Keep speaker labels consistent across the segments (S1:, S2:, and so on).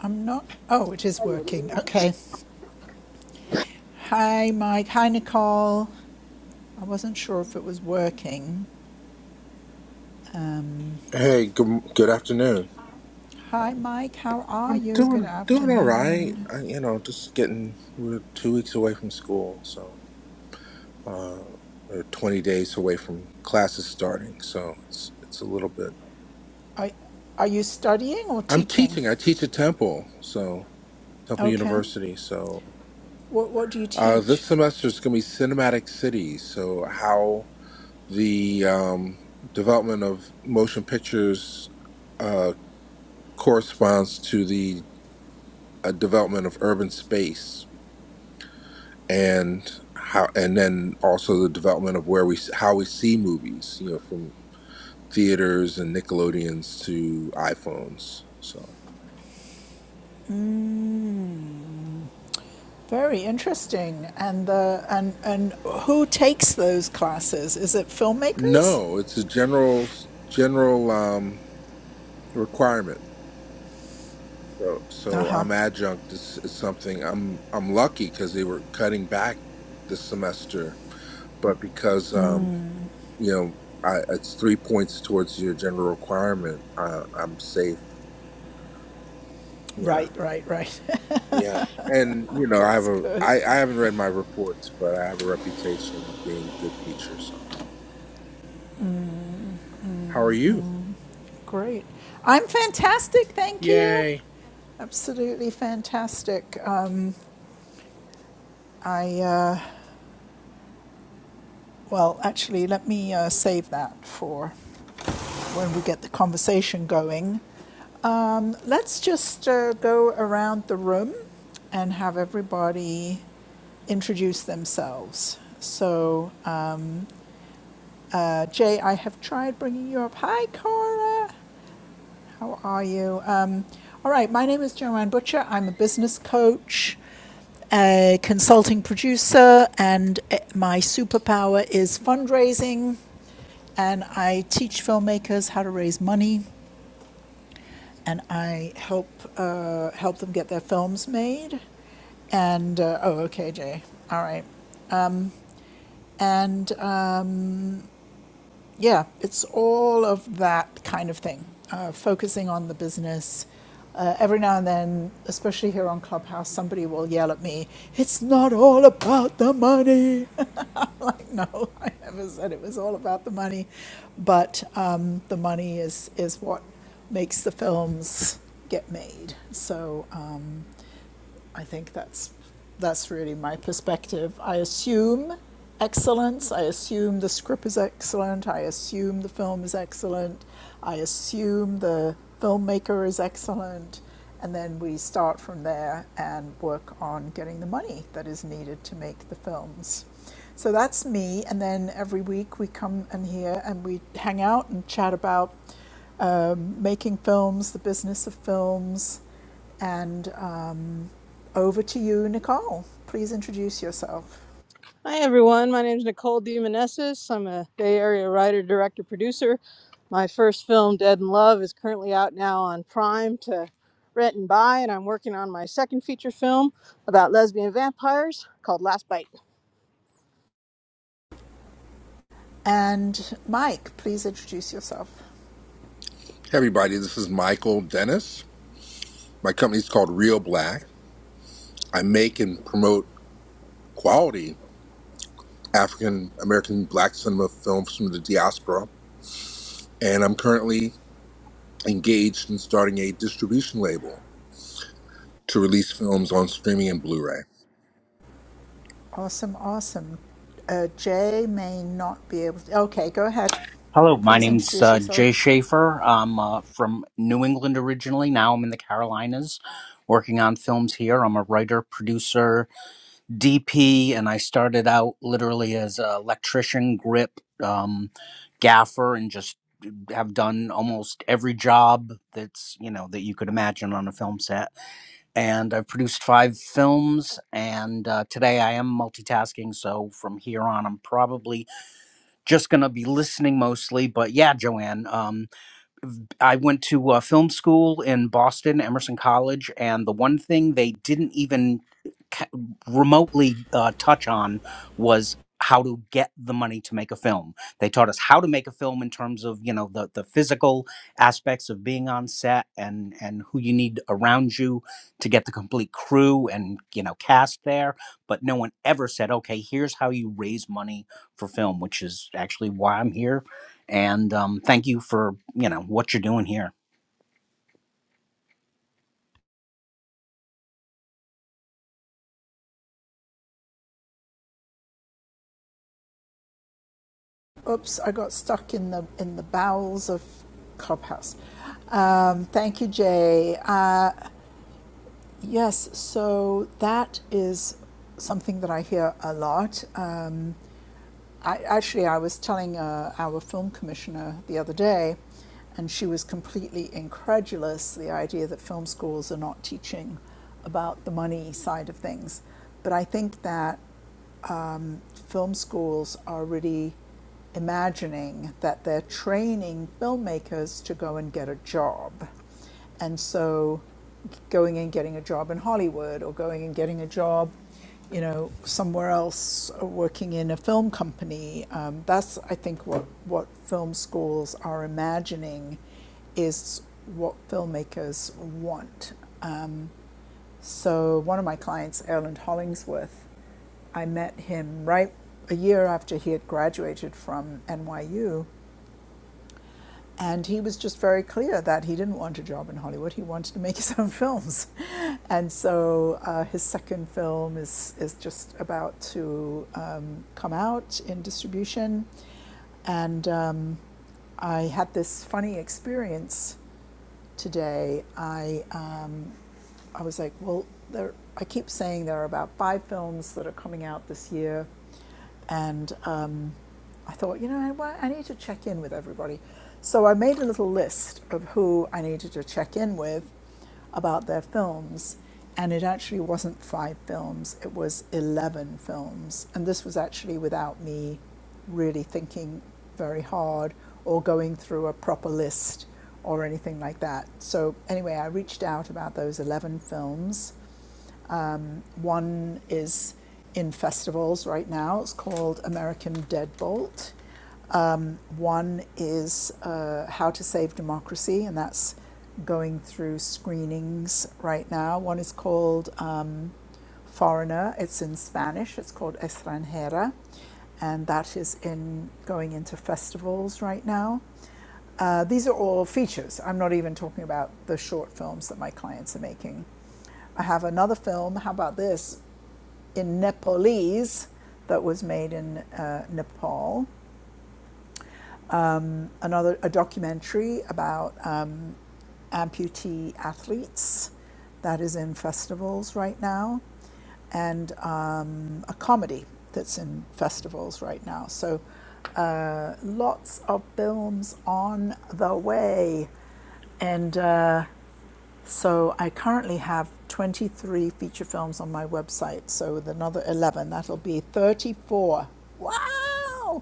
S1: I'm not. Oh, it is working. Okay. Hi, Mike. Hi, Nicole. I wasn't sure if it was working. Um,
S2: Hey, good good afternoon.
S1: hi, Mike. How are
S2: I'm
S1: you? Good
S2: doing doing all right.
S1: afternoon.
S2: I, you know, just getting we're two weeks away from school, so uh, or twenty days away from classes starting. So it's it's a little bit.
S1: Are, are you studying or
S2: I'm
S1: teaching?
S2: teaching. I teach at Temple, so Temple
S1: Okay.
S2: University. So
S1: What What do you
S2: uh,
S1: teach?
S2: this semester is going to be cinematic cities. So how the um, development of motion pictures uh, corresponds to the uh, development of urban space and how and then also the development of where we how we see movies you know from theaters and nickelodeons to iphones so
S1: Very interesting. And the and and who takes those classes? Is it filmmakers?
S2: no it's a general general um requirement so
S1: Uh
S2: so
S1: huh.
S2: i'm adjunct it's, it's something i'm i'm lucky because they were cutting back this semester but because um you know I, it's three points towards your general requirement I, i'm safe Yeah.
S1: Right. Right. Right.
S2: Yeah, and you know, I have
S1: That's
S2: a
S1: good.
S2: I I haven't read my reports, but I have a reputation of being a good teacher. So, how are you?
S1: Great. I'm fantastic. Thank you.
S2: Yay! Hey,
S1: Absolutely fantastic. Uh, I, uh, well, actually, let me uh, save that for when we get the conversation going. Um, let's just uh, go around the room and have everybody introduce themselves. So, uh, uh, Jay, I have tried bringing you up. Hi, Cora. How are you? Um, all right, my name is Joanne Butcher. I'm a business coach, a consulting producer, and eh, my superpower is fundraising. And I teach filmmakers how to raise money, and I help uh, help them get their films made. And uh, oh, okay, Jay. All right, and. Um, Yeah, it's all of that kind of thing, uh, focusing on the business. Uh, every now and then, especially here on Clubhouse, somebody will yell at me, It's not all about the money. I'm like, No, I never said it was all about the money. But um, the money is, is what makes the films get made. So, um, I think that's that's really my perspective. I assume excellence. I assume the script is excellent. I assume the film is excellent. I assume the filmmaker is excellent, and then we start from there and work on getting the money that is needed to make the films. So that's me, and then every week we come and here and we hang out and chat about um, making films, the business of films, and um, over to you, Nicole. Please introduce yourself.
S3: Hi, everyone. My name is Nicole DeMonesis. I'm a Bay Area writer, director, producer. My first film, Dead in Love, is currently out now on Prime to rent and buy, and I'm working on my second feature film about lesbian vampires called Last Bite.
S1: And Mike, please introduce yourself.
S2: everybody, this is Michael Dennis. My company's called Real Black. I make and promote quality African American Black cinema films from the diaspora, and I'm currently engaged in starting a distribution label to release films on streaming and Blu-ray.
S1: Awesome, awesome. Uh, Jay may not be able to. Okay, go ahead.
S4: Hello, my
S1: Please
S4: name's
S1: introduce
S4: uh,
S1: yourself.
S4: Jay Schaefer. I'm uh, from New England originally. Now I'm in the Carolinas working on films here. I'm a writer, producer, DP, and I started out literally as an electrician, grip, um, gaffer, and just have done almost every job that's, you know, that you could imagine on a film set. And I've produced five films, and uh, today I am multitasking. So from here on, I'm probably just going to be listening mostly. But yeah, Joanne, um, I went to uh, film school in Boston, Emerson College, and the one thing they didn't even ca- remotely uh, touch on was how to get the money to make a film. They taught us how to make a film in terms of you know the the physical aspects of being on set and and who you need around you to get the complete crew and you know cast there. But no one ever said, okay, here's how you raise money for film, which is actually why I'm here and um, thank you for you know what you're doing here.
S1: Oops, I got stuck in the in the bowels of Clubhouse. Um, thank you, Jay. Uh, yes, so that is something that I hear a lot. Um, I, actually, I was telling uh, our film commissioner the other day, and she was completely incredulous the idea that film schools are not teaching about the money side of things. But I think that um, film schools are already imagining that they're training filmmakers to go and get a job. And so going and getting a job in Hollywood or going and getting a job, you know, somewhere else uh, working in a film company. Um, that's, I think, what, what film schools are imagining is what filmmakers want. Um, so, one of my clients, Erland Hollingsworth, I met him right a year after he had graduated from NYU. And he was just very clear that he didn't want a job in Hollywood. He wanted to make his own films. And so uh, his second film is, is just about to um, come out in distribution. And um, I had this funny experience today, I um, I was like, well, there. I keep saying there are about five films that are coming out this year, and um, I thought, you know, I, wa- I need to check in with everybody. So I made a little list of who I needed to check in with about their films, and it actually wasn't five films; it was eleven films, and this was actually without me really thinking very hard or going through a proper list or anything like that. So, anyway, I reached out about those 11 films. Mm, One is in festivals right now, it's called American Deadbolt. Um, one is uh, How to Save Democracy, and that's going through screenings right now. One is called um, foreigner. It's in Spanish. It's called Extranjera, and that is in going into festivals right now. Uh, these are all features. I'm not even talking about the short films that my clients are making. I have another film. How about this? In Nepalese, that was made in uh, Nepal. Another a documentary about um, amputee athletes that is in festivals right now, and um, a comedy that's in festivals right now. So uh, lots of films on the way. And uh, so I currently have 23 feature films on my website. So with another 11, that'll be 34. Wow!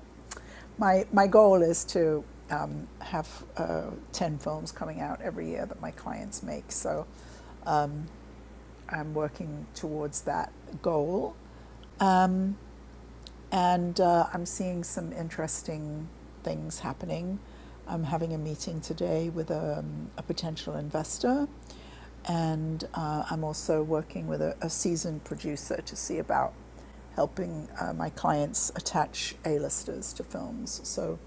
S1: My my goal is to um, have uh, 10 films coming out every year that my clients make. So I'm working towards that goal. and uh, I'm seeing some interesting things happening. I'm having a meeting today with um, a potential investor, and uh, I'm also working with a, a seasoned producer to see about helping uh, my clients attach A-listers to films. So,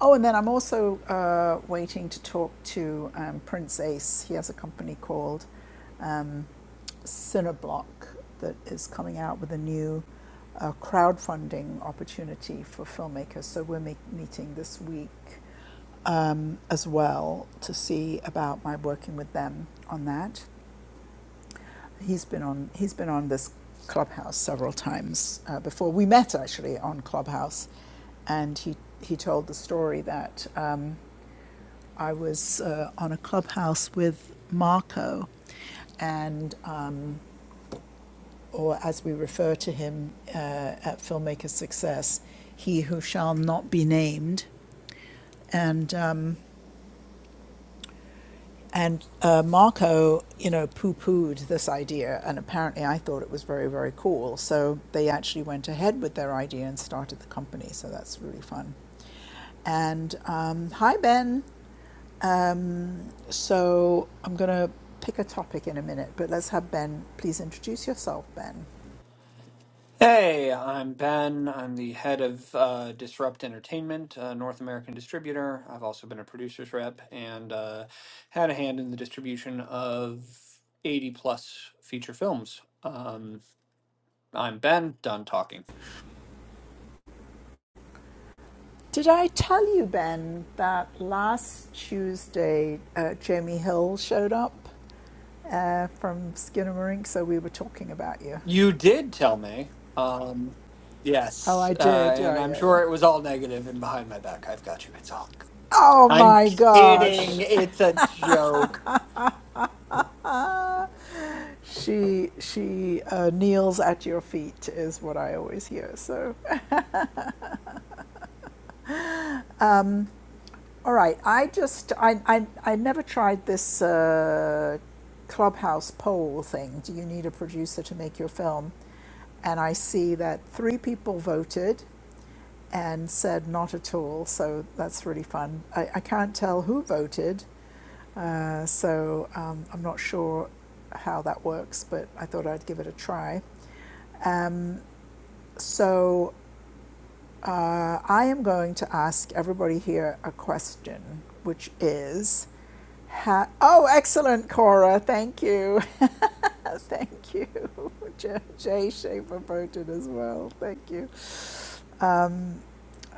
S1: oh, and then I'm also uh, waiting to talk to um, Prince Ace. He has a company called um, Cineblock that is coming out with a new a crowdfunding opportunity for filmmakers. So we're make, meeting this week um, as well to see about my working with them on that. He's been on he's been on this Clubhouse several times uh, before. We met actually on Clubhouse, and he he told the story that um, I was uh, on a Clubhouse with Marco, and um, or as we refer to him uh, at Filmmaker Success, he who shall not be named. And um, and uh, Marco, you know, poo-pooed this idea, and apparently I thought it was very very cool. So they actually went ahead with their idea and started the company. So that's really fun. And um, hi Ben. So I'm gonna pick a topic in a minute, but let's have Ben. Please introduce yourself, Ben.
S5: Hey, I'm Ben. I'm the head of uh, Disrupt Entertainment, a North American distributor. I've also been a producer's rep and uh, had a hand in the distribution of 80 plus feature films. Um, I'm Ben, done talking.
S1: Did I tell you, Ben, that last Tuesday uh, Jamie Hill showed up uh, from Skinnamarink? So we were talking about you.
S5: You did tell me. Um,
S1: Oh,
S5: yes.
S1: I
S5: Uh,
S1: did.
S5: and
S1: Yeah,
S5: I'm
S1: yeah, yeah.
S5: sure it was all negative and behind my back. I've got you. It's all.
S1: Oh
S5: I'm
S1: my gosh.
S5: kidding. It's a joke.
S1: She she uh, kneels at your feet is what I always hear. So, all right. I just I I, I never tried this uh, clubhouse poll thing. Do you need a producer to make your film? And I see that three people voted. and said not at all. So that's really fun. I, I can't tell who voted, uh, so um, I'm not sure how that works, but I thought I'd give it a try. Um, so uh, I am going to ask everybody here a question, which is. Ha- oh, excellent, Cora. Thank you. Thank you. Jay Schaefer voted as well. Thank you. Um,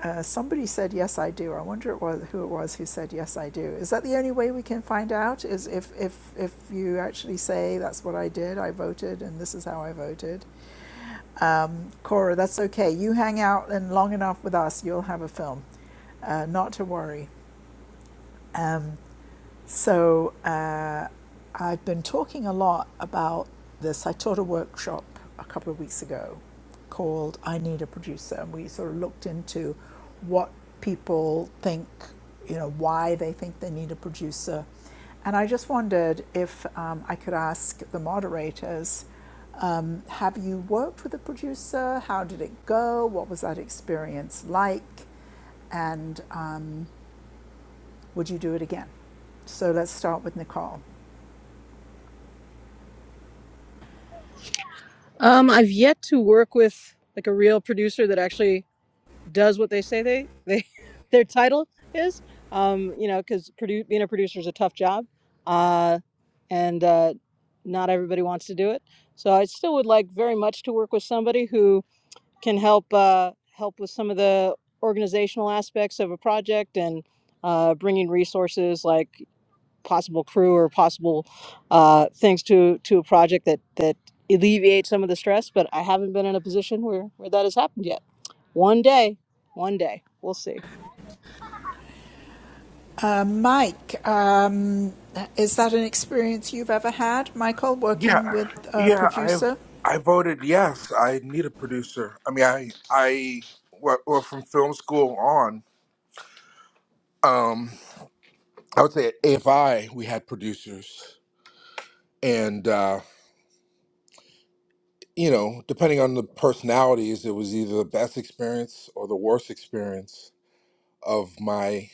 S1: uh, somebody said, yes, I do. I wonder it was, who it was who said, yes, I do. Is that the only way we can find out? Is if, if, if you actually say, that's what I did, I voted, and this is how I voted? Um, Cora, that's okay. You hang out and long enough with us, you'll have a film. Uh, not to worry. Um, so uh, I've been talking a lot about this. I taught a workshop a couple of weeks ago called I Need a Producer, and we sort of looked into what people think, you know, why they think they need a producer. And I just wondered if um, I could ask the moderators um, have you worked with a producer? How did it go? What was that experience like? And um, would you do it again? So let's start with Nicole.
S3: Um, I've yet to work with like a real producer that actually does what they say they they their title is. Um, you know, because produ- being a producer is a tough job, uh, and uh, not everybody wants to do it. So I still would like very much to work with somebody who can help uh, help with some of the organizational aspects of a project and uh, bringing resources like possible crew or possible uh, things to to a project that that alleviate some of the stress. But I haven't been in a position where where that has happened yet. One day, one day, we'll see.
S1: Uh, Mike, um, is that an experience you've ever had, Michael,
S2: Yeah,
S1: working with a
S2: yeah, I
S1: producer?
S2: I voted yes. I need a producer. I mean, I I well, well from film school on, um, I would say at AFI we had producers, and uh, you know, depending on the personalities, it was either the best experience or the worst experience of my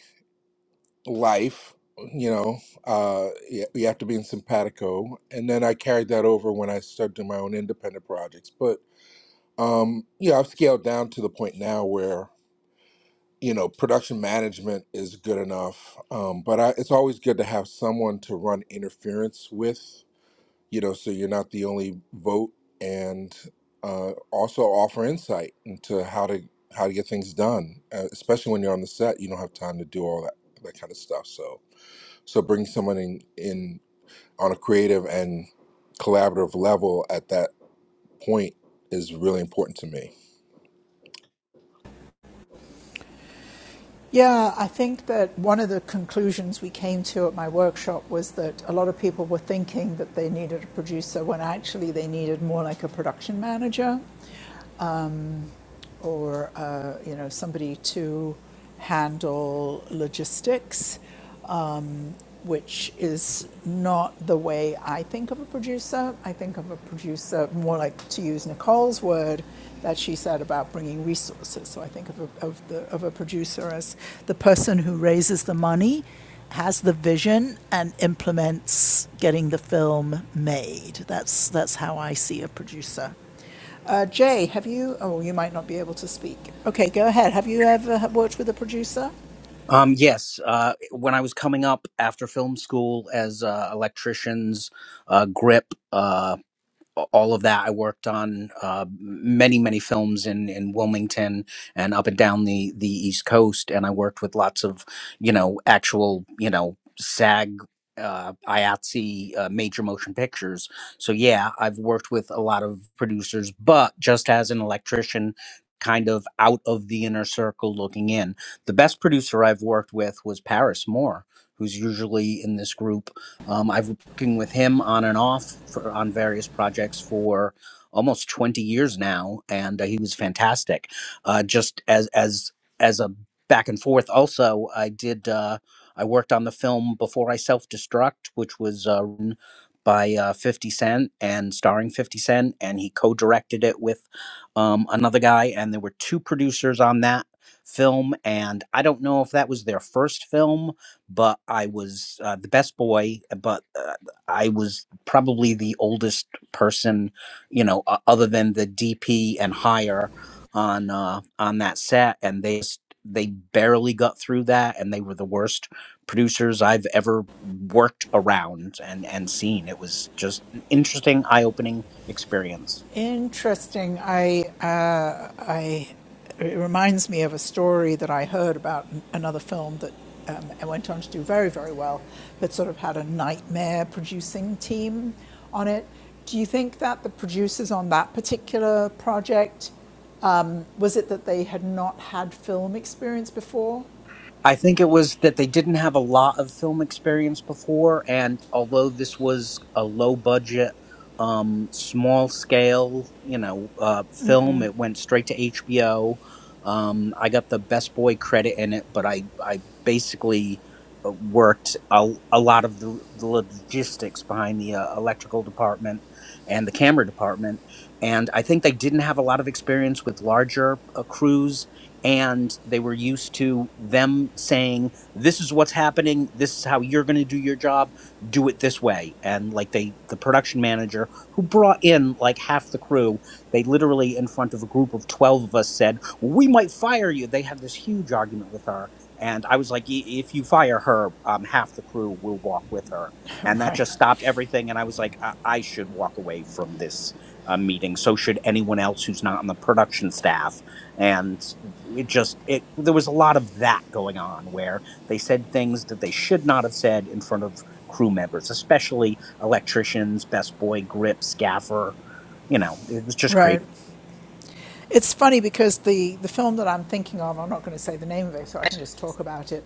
S2: life. You know, uh, you you have to be in simpatico, and then I carried that over when I started doing my own independent projects, but. Um, yeah, I've scaled down to the point now where you know production management is good enough um, but I, it's always good to have someone to run interference with you know so you're not the only vote and uh, also offer insight into how to how to get things done uh, especially when you're on the set you don't have time to do all that that kind of stuff so so bring someone in, in on a creative and collaborative level at that point is really important to me.
S1: Yeah, I think that one of the conclusions we came to at my workshop was that a lot of people were thinking that they needed a producer when actually they needed more like a production manager um, or uh, you know somebody to handle logistics. um, which is not the way I think of a producer. I think of a producer more like, to use Nicole's word, that she said about bringing resources. So I think of a, of, the, of a producer as the person who raises the money, has the vision, and implements getting the film made. That's, that's how I see a producer. Uh, Jay, have you? Oh, you might not be able to speak. Okay, go ahead. Have you ever worked with a producer?
S4: Um, yes, uh, when I was coming up after film school as uh, electricians, uh, grip. Uh, all of that. I worked on uh, many, many films in, in Wilmington and up and down the, the East Coast. And I worked with lots of, you know, actual, you know, SAG, uh, IATSE, uh, major motion pictures. So, yeah, I've worked with a lot of producers, but just as an electrician, kind of out of the inner circle looking in. The best producer I've worked with was Paris Moore, who's usually in this group. Um, I've working with him on and off for, on various projects for almost 20 years now and uh, he was fantastic uh, just as as as a back and forth also i did uh, i worked on the film before i self-destruct which was uh, written by uh, 50 cent and starring 50 cent and he co-directed it with um, another guy and there were two producers on that film and i don't know if that was their first film but I was uh, the best boy. But uh, I was probably the oldest person, you know, uh, other than the DP and higher on uh, on that set, and they s- they barely got through that, and they were the worst producers I've ever worked around and and seen. It was just an interesting, eye opening experience
S1: Interesting. I, uh, I, it reminds me of a story that I heard about an- another film that um, it went on to do very, very well, but sort of had a nightmare producing team on it. Do you think that the producers on that particular project um, was it that they had not had film experience before?
S4: I think it was that they didn't have a lot of film experience before, and although this was a low budget, um, small scale, you know, uh, film, it went straight to HBO. Um, I got the best boy credit in it, but I I basically uh, worked a, a lot of the, the logistics behind the uh, electrical department and the camera department, and I think they didn't have a lot of experience with larger uh, crews and they were used to them saying this is what's happening this is how you're going to do your job do it this way and like they the production manager who brought in like half the crew they literally in front of a group of 12 of us said we might fire you they had this huge argument with her and i was like "I- if you fire her um, half the crew will walk with her and that
S1: right,
S4: just stopped everything and i was like i, I should walk away from this uh, meeting so should anyone else who's not on the production staff and it just it there was a lot of that going on where they said things that they should not have said in front of crew members especially electricians best boy grip scaffer you know it was just
S1: right.
S4: crazy
S1: It's funny because the, the film that I'm thinking of, I'm not going to say the name of it, so I can just talk about it.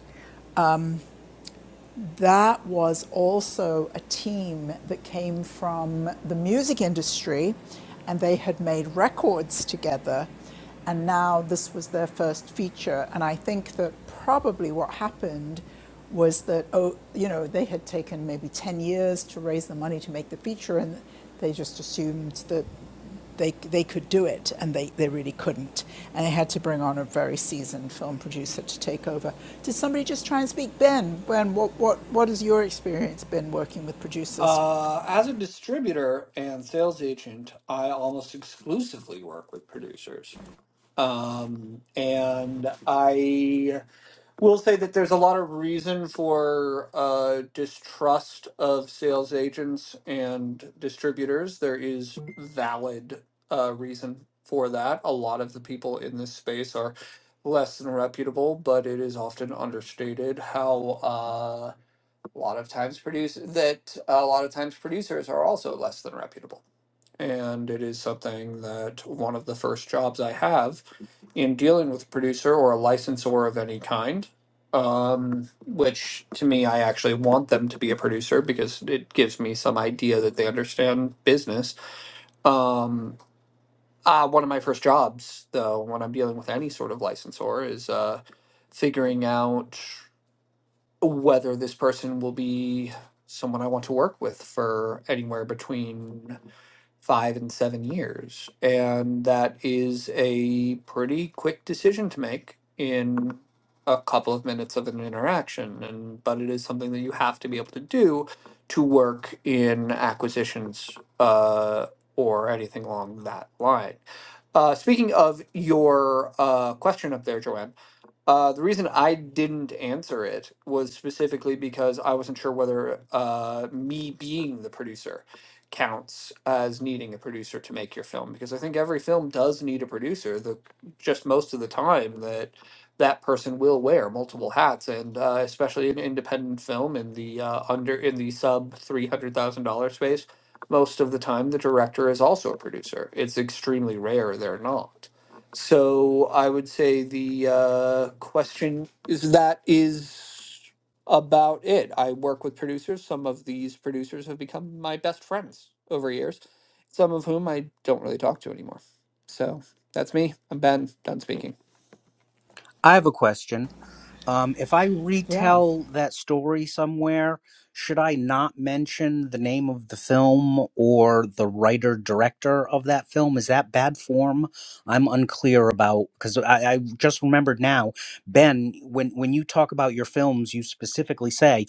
S1: that was also a team that came from the music industry and they had made records together and now this was their first feature and i think that probably what happened was that oh you know they had taken maybe 10 years to raise the money to make the feature and they just assumed that they, they could do it and they, they really couldn't. And they had to bring on a very seasoned film producer to take over. Did somebody just try and speak? Ben, ben what, what, what has your experience been working with producers?
S5: Uh, as a distributor and sales agent, I almost exclusively work with producers. Um, and I will say that there's a lot of reason for uh, distrust of sales agents and distributors. There is valid uh, reason for that. A lot of the people in this space are less than reputable, but it is often understated how. uh, a lot of times produce that a lot of times producers are also less than reputable and it is something that one of the first jobs i have in dealing with a producer or a licensor of any kind um, which to me i actually want them to be a producer because it gives me some idea that they understand business um, uh, one of my first jobs though when i'm dealing with any sort of licensor is uh, figuring out whether this person will be someone I want to work with for anywhere between five and seven years. And that is a pretty quick decision to make in a couple of minutes of an interaction. And but it is something that you have to be able to do to work in acquisitions uh, or anything along that line. Uh, speaking of your uh, question up there, Joanne, uh, the reason I didn't answer it was specifically because I wasn't sure whether uh, me being the producer counts as needing a producer to make your film because I think every film does need a producer. The just most of the time that that person will wear multiple hats, and uh, especially in independent film in the uh, under in the sub three hundred thousand dollar space, most of the time the director is also a producer. It's extremely rare they're not. So I would say the uh, question is that is about it. I work with producers. Some of these producers have become my best friends over years, some of whom I don't really talk to anymore. So that's me. I'm Ben, done speaking.
S4: i have a question Um, if I
S1: Yeah.
S4: retell that story somewhere, should I not mention the name of the film or the writer director of that film? Is that bad form? I'm unclear about because I, I just remembered now, Ben. When when you talk about your films, you specifically say.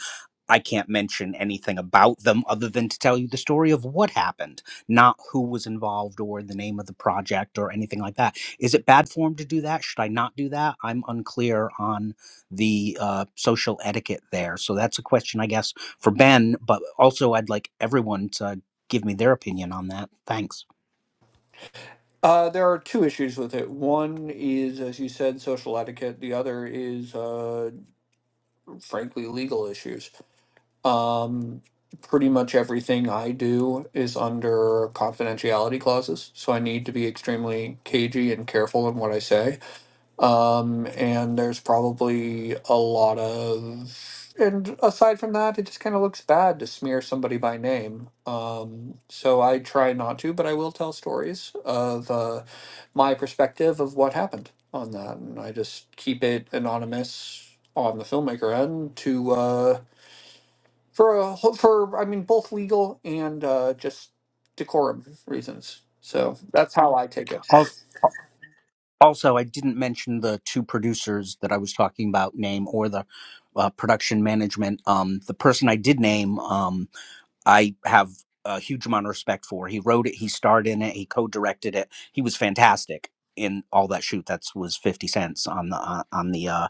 S4: I can't mention anything about them other than to tell you the story of what happened, not who was involved or the name of the project or anything like that. Is it bad form to do that? Should I not do that? I'm unclear on the uh, social etiquette there. So that's a question, I guess, for Ben, but also I'd like everyone to give me their opinion on that. Thanks.
S5: Uh, there are two issues with it. One is, as you said, social etiquette. The other is, uh, frankly, legal issues. Um, pretty much everything I do is under confidentiality clauses, so I need to be extremely cagey and careful in what I say. Um, and there's probably a lot of, and aside from that, it just kind of looks bad to smear somebody by name. Um, so I try not to, but I will tell stories of uh, my perspective of what happened on that, and I just keep it anonymous on the filmmaker end to. Uh, for a whole- for I mean both legal and uh, just decorum reasons. So that's how I take it.
S4: Al- Also, I didn't mention the two producers that I was talking about name or the uh, production management. Um, the person I did name, um, I have a huge amount of respect for. He wrote it, he starred in it, he co-directed it. He was fantastic in all that shoot. That was 50 cents on the uh, on the uh,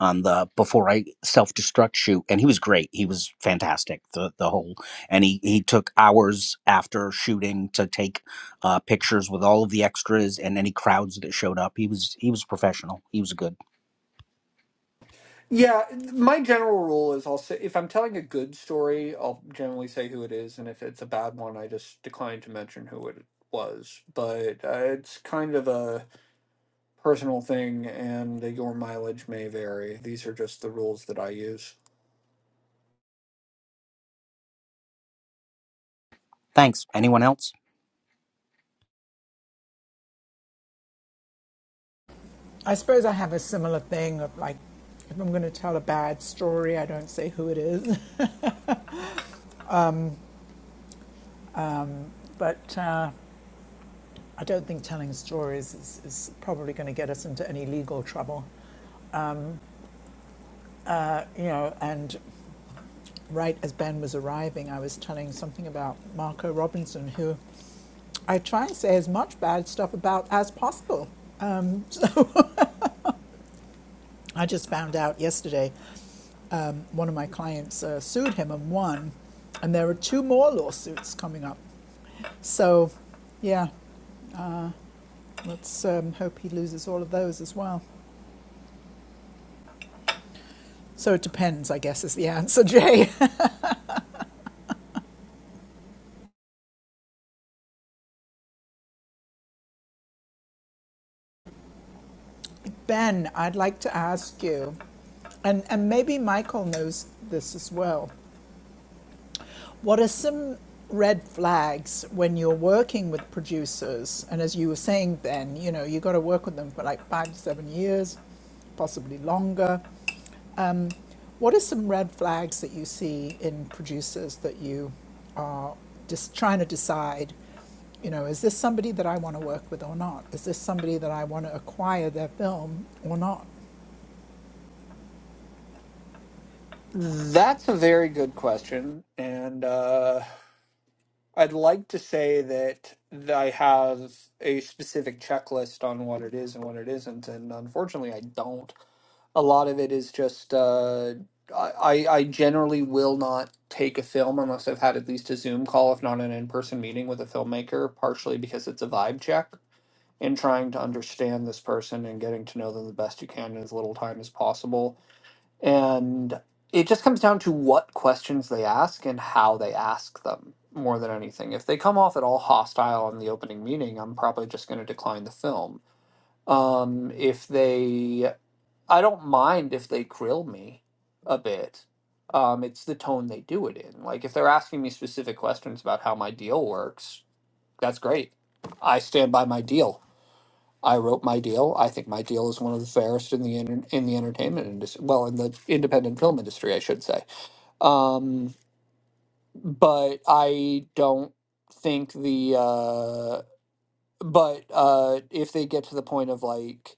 S4: on the before I self destruct shoot, and he was great. He was fantastic. The the whole and he he took hours after shooting to take uh, pictures with all of the extras and any crowds that showed up. He was he was professional. He was good.
S5: Yeah, my general rule is I'll say if I'm telling a good story, I'll generally say who it is, and if it's a bad one, I just decline to mention who it was. But uh, it's kind of a personal thing, and your mileage may vary. These are just the rules that I use.
S4: Thanks. Anyone else?
S1: I suppose I have a similar thing of like, if I'm going to tell a bad story, I don't say who it is. But uh, I don't think telling stories is, is probably going to get us into any legal trouble. Uh, you know, and right as Ben was arriving, I was telling something about Marco Robinson, who I try and say as much bad stuff about as possible. I just found out yesterday um, one of my clients uh, sued him and won, and there are two more lawsuits coming up. So, yeah, let's um, hope he loses all of those as well. So it depends, I guess, is the answer, Jay. ben, I'd like to ask you, and, and maybe Michael knows this as well. What are some red flags when you're working with producers? And as you were saying, Ben, you know, you got to work with them for like five to seven years, possibly longer. What are some red flags that you see in producers that you are just trying to decide? You know, is this somebody that I want to work with or not? Is this somebody that I want to acquire their film or not?
S5: That's a very good question, and. uh I'd like to say that th- I have a specific checklist on what it is and what it isn't, and unfortunately, I don't. A lot of it is just uh, I I I generally will not take a film unless I've had at least a Zoom call, if not an in-person meeting with a filmmaker, partially because it's a vibe check and trying to understand this person and getting to know them the best you can in as little time as possible and it just comes down to what questions they ask and how they ask them more than anything. If they come off at all hostile in the opening meeting, I'm probably just going to decline the film. Um, if they, I don't mind if they grill me a bit. Um, it's the tone they do it in. Like if they're asking me specific questions about how my deal works, that's great. I stand by my deal. I wrote my deal. I think my deal is one of the fairest in the inter- in the entertainment industry. Well, in the independent film industry, I should say. Um, but I don't think the. Uh, but uh, if they get to the point of like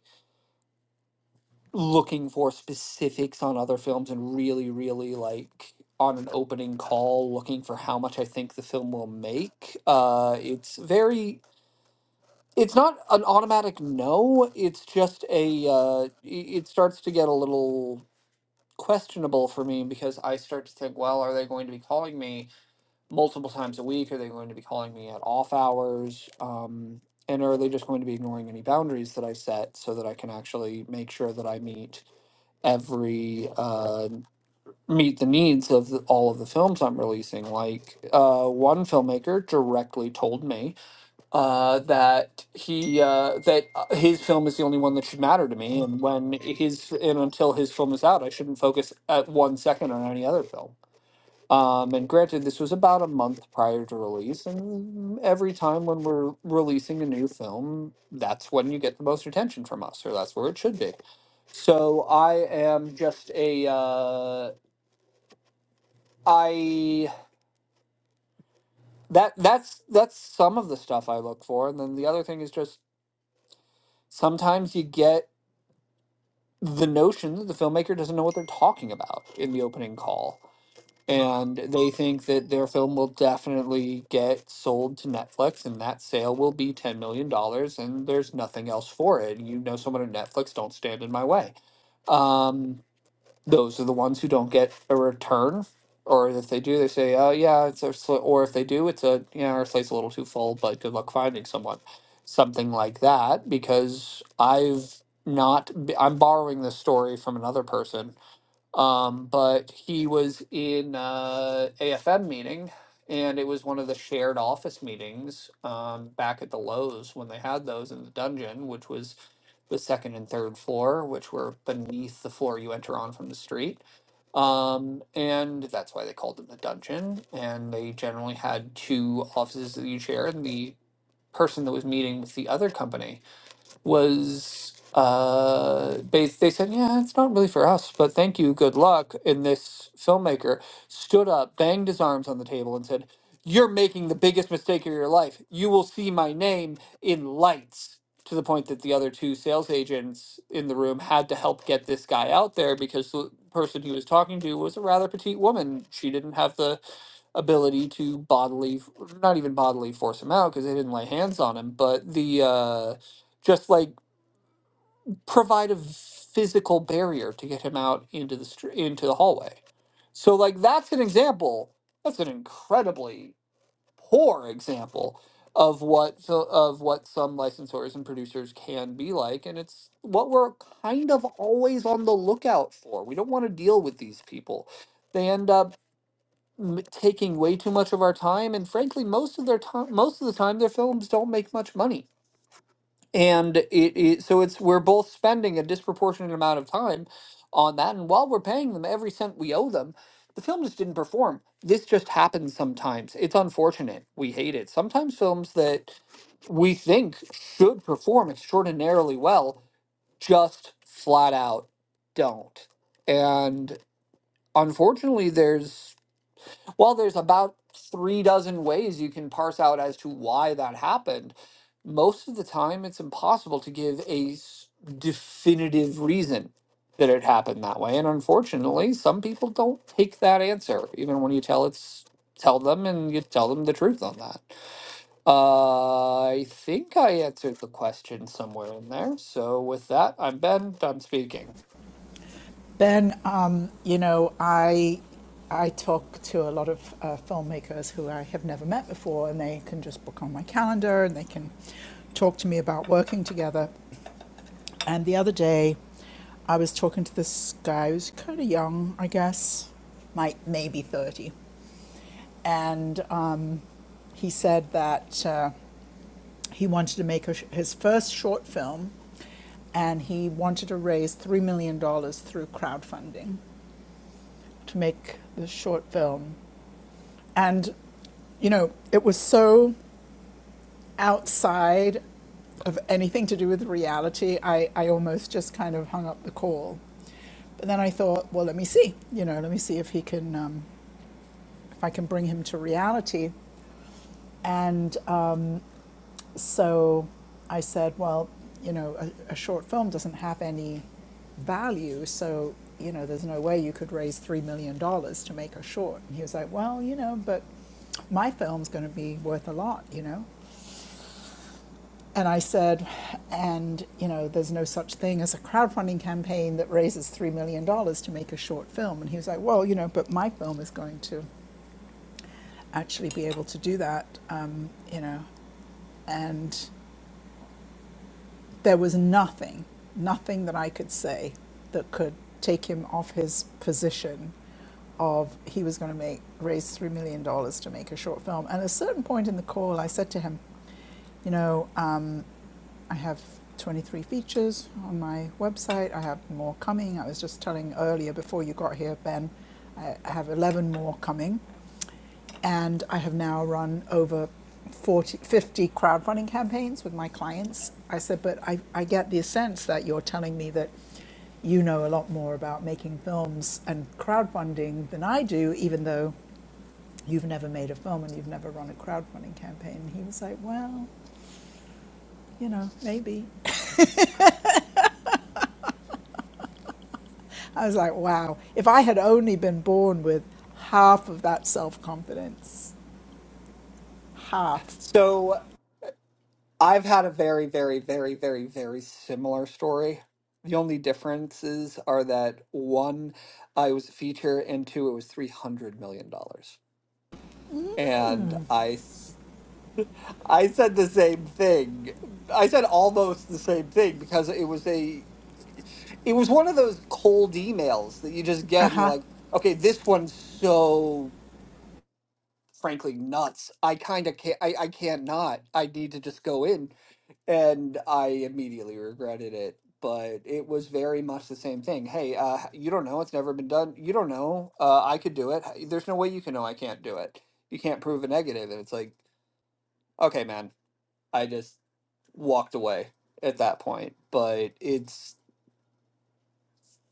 S5: looking for specifics on other films and really, really like on an opening call looking for how much I think the film will make, uh, it's very it's not an automatic no. It's just a. Uh, i- it starts to get a little questionable for me because I start to think, well, are they going to be calling me multiple times a week? Are they going to be calling me at off hours? Um, and are they just going to be ignoring any boundaries that I set so that I can actually make sure that I meet every uh, meet the needs of the, all of the films I'm releasing? Like uh, one filmmaker directly told me uh, that he uh, that uh, his film is the only one that should matter to me, and when his and until his film is out, I shouldn't focus at one second on any other film. Um, and granted, this was about a month prior to release, and every time when we're releasing a new film, that's when you get the most attention from us, or that's where it should be. So I am just a uh, I that that's that's some of the stuff I look for, and then the other thing is just sometimes you get the notion that the filmmaker doesn't know what they're talking about in the opening call. And they think that their film will definitely get sold to Netflix and that sale will be $10 million dollars, and there's nothing else for it. You know, someone at Netflix, don't stand in my way. Um, those are the ones who don't get a return. Or if they do, they say, "Oh yeah, it's a," sl-, or if they do, it's a yeah, our slate's a little too full, but good luck finding someone, something like that. Because I've not, b- I'm borrowing this story from another person, um, but he was in uh, AFM meeting, and it was one of the shared office meetings um, back at the Lowe's when they had those in the dungeon, which was the second and third floor, which were beneath the floor you enter on from the street. Um, and that's why they called it the dungeon. And they generally had two offices that you share. And the person that was meeting with the other company was uh they, they said yeah it's not really for us but thank you good luck and this filmmaker stood up banged his arms on the table and said you're making the biggest mistake of your life you will see my name in lights to the point that the other two sales agents in the room had to help get this guy out there because the person he was talking to was a rather petite woman she didn't have the ability to bodily not even bodily force him out because they didn't lay hands on him but the uh just like provide a physical barrier to get him out into the str- into the hallway. So like that's an example. That's an incredibly poor example of what so of what some licensors and producers can be like and it's what we're kind of always on the lookout for. We don't want to deal with these people. They end up m- taking way too much of our time and frankly most of their time most of the time their films don't make much money and it, it so it's we're both spending a disproportionate amount of time on that and while we're paying them every cent we owe them the film just didn't perform this just happens sometimes it's unfortunate we hate it sometimes films that we think should perform extraordinarily well just flat out don't and unfortunately there's well, there's about three dozen ways you can parse out as to why that happened. Most of the time, it's impossible to give a s- definitive reason that it happened that way. And unfortunately, some people don't take that answer, even when you tell it's tell them and you tell them the truth on that. Uh, I think I answered the question somewhere in there. So with that, I'm Ben. I'm speaking.
S1: Ben, um, you know, I I talk to a lot of uh, filmmakers who I have never met before, and they can just book on my calendar and they can talk to me about working together. And the other day, I was talking to this guy who's kind of young, I guess, might maybe thirty, and um, he said that uh, he wanted to make a sh- his first short film, and he wanted to raise three million dollars through crowdfunding to make this short film. And, you know, it was so outside of anything to do with reality, I, I almost just kind of hung up the call. But then I thought, well, let me see, you know, let me see if he can, um, if I can bring him to reality. And uh, So I said, well, you know, a, a short film doesn't have any value, so, you know, there's no way you could raise $3 million dollars to make a short. And he was like, well, you know, but my film's going to be worth a lot, you know? And I said, and, you know, there's no such thing as a crowdfunding campaign that raises $3 million dollars to make a short film. And he was like, well, you know, but my film is going to actually be able to do that, um, you know? And there was nothing, nothing that I could say that could take him off his position of he was going to make raise three million dollars to make a short film. And at a certain point in the call, I said to him, you know, um, I have 23 features on my website. I have more coming. I was just telling earlier before you got here, Ben, I I have 11 more coming. And I have now run over 40, 50 crowdfunding campaigns with my clients. I said, but I, I get the sense that you're telling me that you know a lot more about making films and crowdfunding than I do, even though you've never made a film and you've never run a crowdfunding campaign. And he was like, well, you know, maybe. I was like, wow, if I had only been born with half of that self confidence, half.
S5: So I've had a very, very, very, very, very similar story. The only differences are that one, I was a feature, and two, it was three hundred million dollars. And I, s- I said the same thing. I said almost the same thing because it was a, it was one of those cold emails that you just
S1: Uh
S5: get, and you're
S1: huh.
S5: like, okay, this one's so frankly nuts. I kind of can't. I, I can't not. I need to just go in and I immediately regretted it. But it was very much the same thing. Hey, uh, h- you don't know. It's never been done. You don't know. Uh, I could do it. h- There's no way you can know I can't do it. You can't prove a negative. And it's like, okay, man, I just walked away at that point. But it's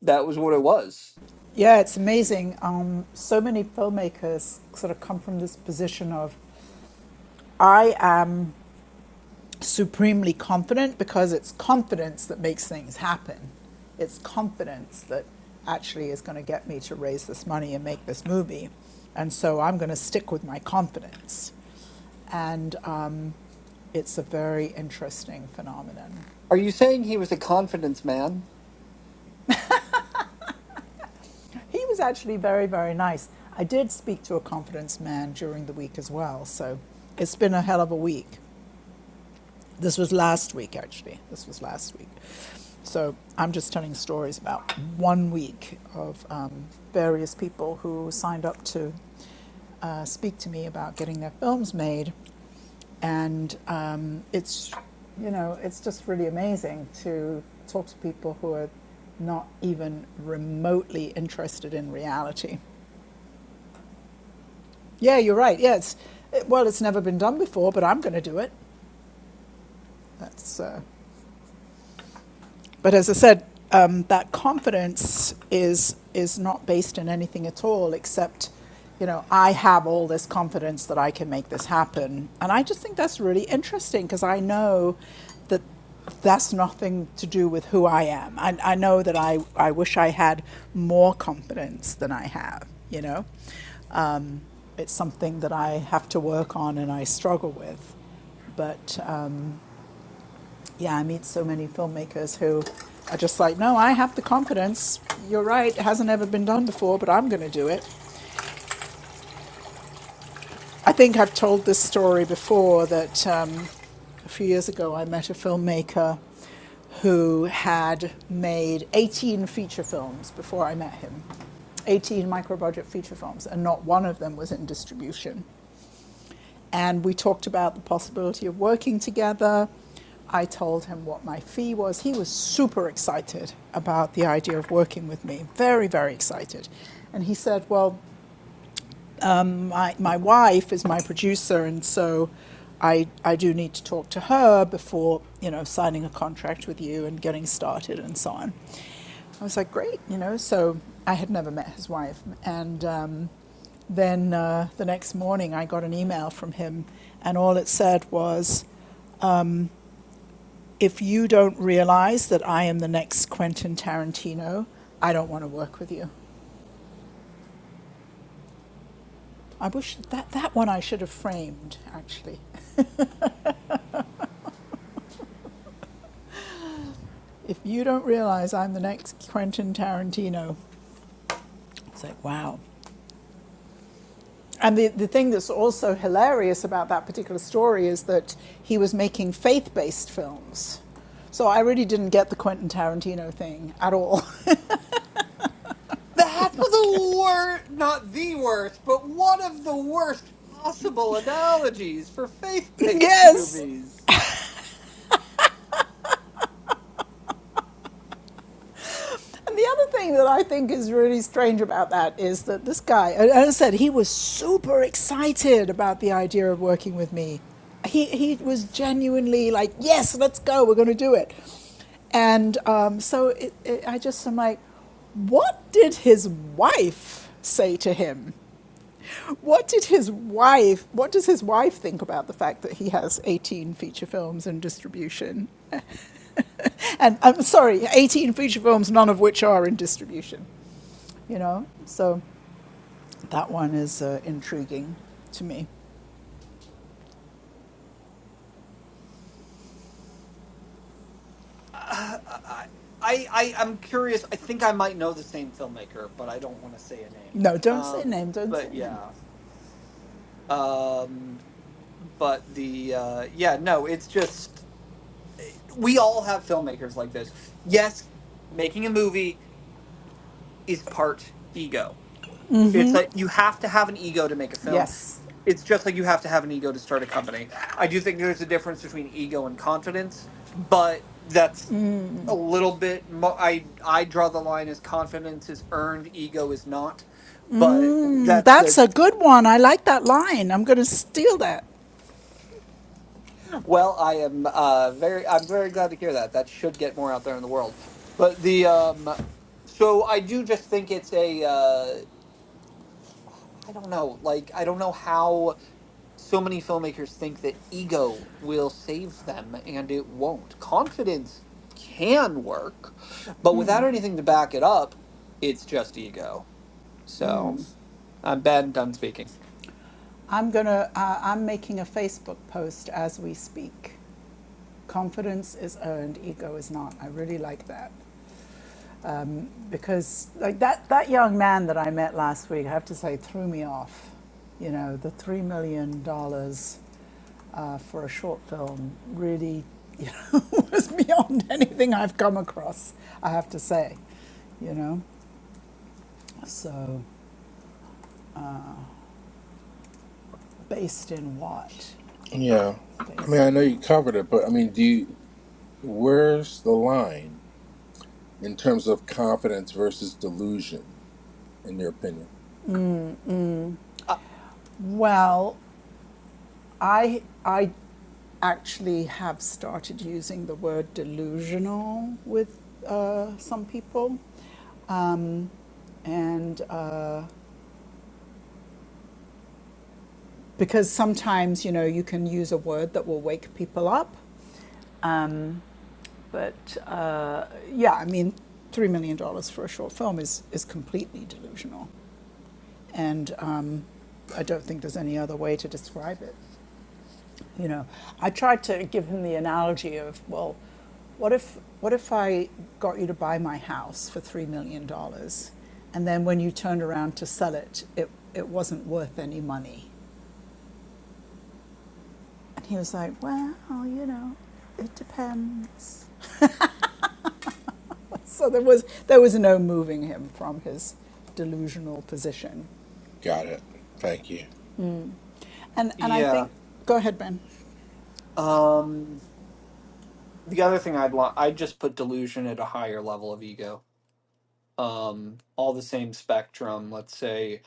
S5: that was what it was.
S1: Yeah, it's amazing. Um, so many filmmakers sort of come from this position of, I am supremely confident because it's confidence that makes things happen. It's confidence that actually is going to get me to raise this money and make this movie. And so I'm going to stick with my confidence. And um, it's a very interesting phenomenon.
S5: Are you saying he was a confidence man?
S1: He was actually very, very nice. I did speak to a confidence man during the week as well, so it's been a hell of a week. This was last week, actually. This was last week. So I'm just telling stories about one week of um, various people who signed up to uh, speak to me about getting their films made, and um, it's you know it's just really amazing to talk to people who are not even remotely interested in reality. Yeah, you're right. Yeah, it's it, well, it's never been done before, but I'm going to do it. That's uh, But as I said, um, that confidence is is not based in anything at all except, you know, I have all this confidence that I can make this happen, and I just think that's really interesting because I know that that's nothing to do with who I am. I, I know that I, I wish I had more confidence than I have, you know. Um, it's something that I have to work on and I struggle with. But um, yeah, I meet so many filmmakers who are just like, no, I have the confidence. You're right, it hasn't ever been done before, but I'm going to do it. I think I've told this story before that um, a few years ago I met a filmmaker who had made 18 feature films before I met him, 18 micro budget feature films, and not one of them was in distribution. And we talked about the possibility of working together. I told him what my fee was. He was super excited about the idea of working with me, very, very excited. And he said, Well, my, my wife is my producer, and so I, I do need to talk to her before, you know, signing a contract with you and getting started and so on. I was like, great, you know. So I had never met his wife, and um, then uh, the next morning, I got an email from him, and all it said was, If you don't realize that I am the next Quentin Tarantino, I don't want to work with you. I wish that, that one I should have framed, actually. If you don't realize I'm the next Quentin Tarantino, it's like, wow. And the, the thing that's also hilarious about that particular story is that he was making faith based films. So I really didn't get the Quentin Tarantino thing at all. I Did
S5: That's
S1: not get
S5: the worst, not the worst, but one of the worst possible analogies for faith based
S1: Yes.
S5: movies.
S1: And the other thing that I think is really strange about that is that this guy, as I said, he was super excited about the idea of working with me. He, he was genuinely like, yes, let's go, we're going to do it. And um, so it, it, I just am like, what did his wife say to him? What did his wife, what does his wife think about the fact that he has 18 feature films in distribution? and I'm sorry, 18 feature films, none of which are in distribution. You know, so that one is uh, intriguing to me.
S5: Uh, I, I, I, I'm curious. I think I might know the same filmmaker, but I don't want to say a name.
S1: No, don't say
S5: Um,
S1: name. Don't say
S5: but
S1: name.
S5: yeah. Um, but the uh, yeah, no, it's just we all have filmmakers like this. Yes, making a movie is part ego. It's like you have to have an ego to make a film.
S1: Yes,
S5: It's just like you have to have an ego to start a company. I do think there's a difference between ego and confidence, but that's a little bit mo- i i draw the line as confidence is earned ego is not but
S1: Mm,
S5: that's a
S1: that's a good one. I like that line. I'm going to steal that.
S5: well i am uh very i'm very glad to hear that that should get more out there in the world but the um so i do just think it's a uh i don't know like i don't know how so many filmmakers think that ego will save them and it won't confidence can work but without anything to back it up it's just ego so I'm Ben done speaking.
S1: I'm going to. Uh, I'm making a Facebook post as we speak. Confidence is earned, ego is not. I really like that. Um, because like that that young man that I met last week, I have to say, threw me off. You know, the three million dollars uh, for a short film really you know, was beyond anything I've come across. I have to say, you know. So, uh, based in what?
S2: Yeah. I mean,
S1: Based
S2: I
S1: in
S2: know you
S1: what?
S2: covered it, but I mean, do you, where's the line in terms of confidence versus delusion, in your opinion?
S5: Uh,
S1: Well, I I actually have started using the word delusional with uh, some people Um, and uh, because sometimes, you know, you can use a word that will wake people up. Um, but uh, yeah, I mean, $3 million dollars for a short film is, is completely delusional. And um, I don't think there's any other way to describe it. You know, I tried to give him the analogy of, well, what if what if I got you to buy my house for three million dollars, and then when you turned around to sell it, it it wasn't worth any money, and he was like, well, you know, it depends. So there was there was no moving him from his delusional position,
S2: Got it. Thank you.
S1: Mm. and and I
S5: yeah.
S1: think go ahead, Ben.
S5: Um the other thing I'd want I'd just put delusion at a higher level of ego. Um all the same spectrum. Let's say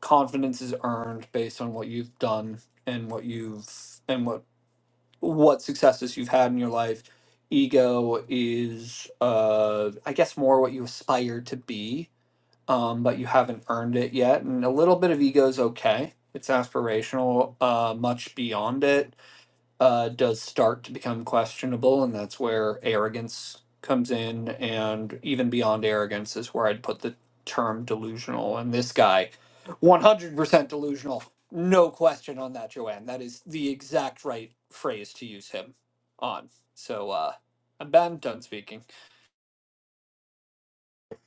S5: confidence is earned based on what you've done and what you've and what what successes you've had in your life. Ego is uh I guess more what you aspire to be, um, but you haven't earned it yet. And a little bit of ego is okay. It's aspirational, uh much beyond it uh, does start to become questionable, and that's where arrogance comes in. And even beyond arrogance is where I'd put the term delusional. And this guy, 100% delusional. No question on that, Joanne. That is the exact right phrase to use him on. So uh, I'm bad and done speaking.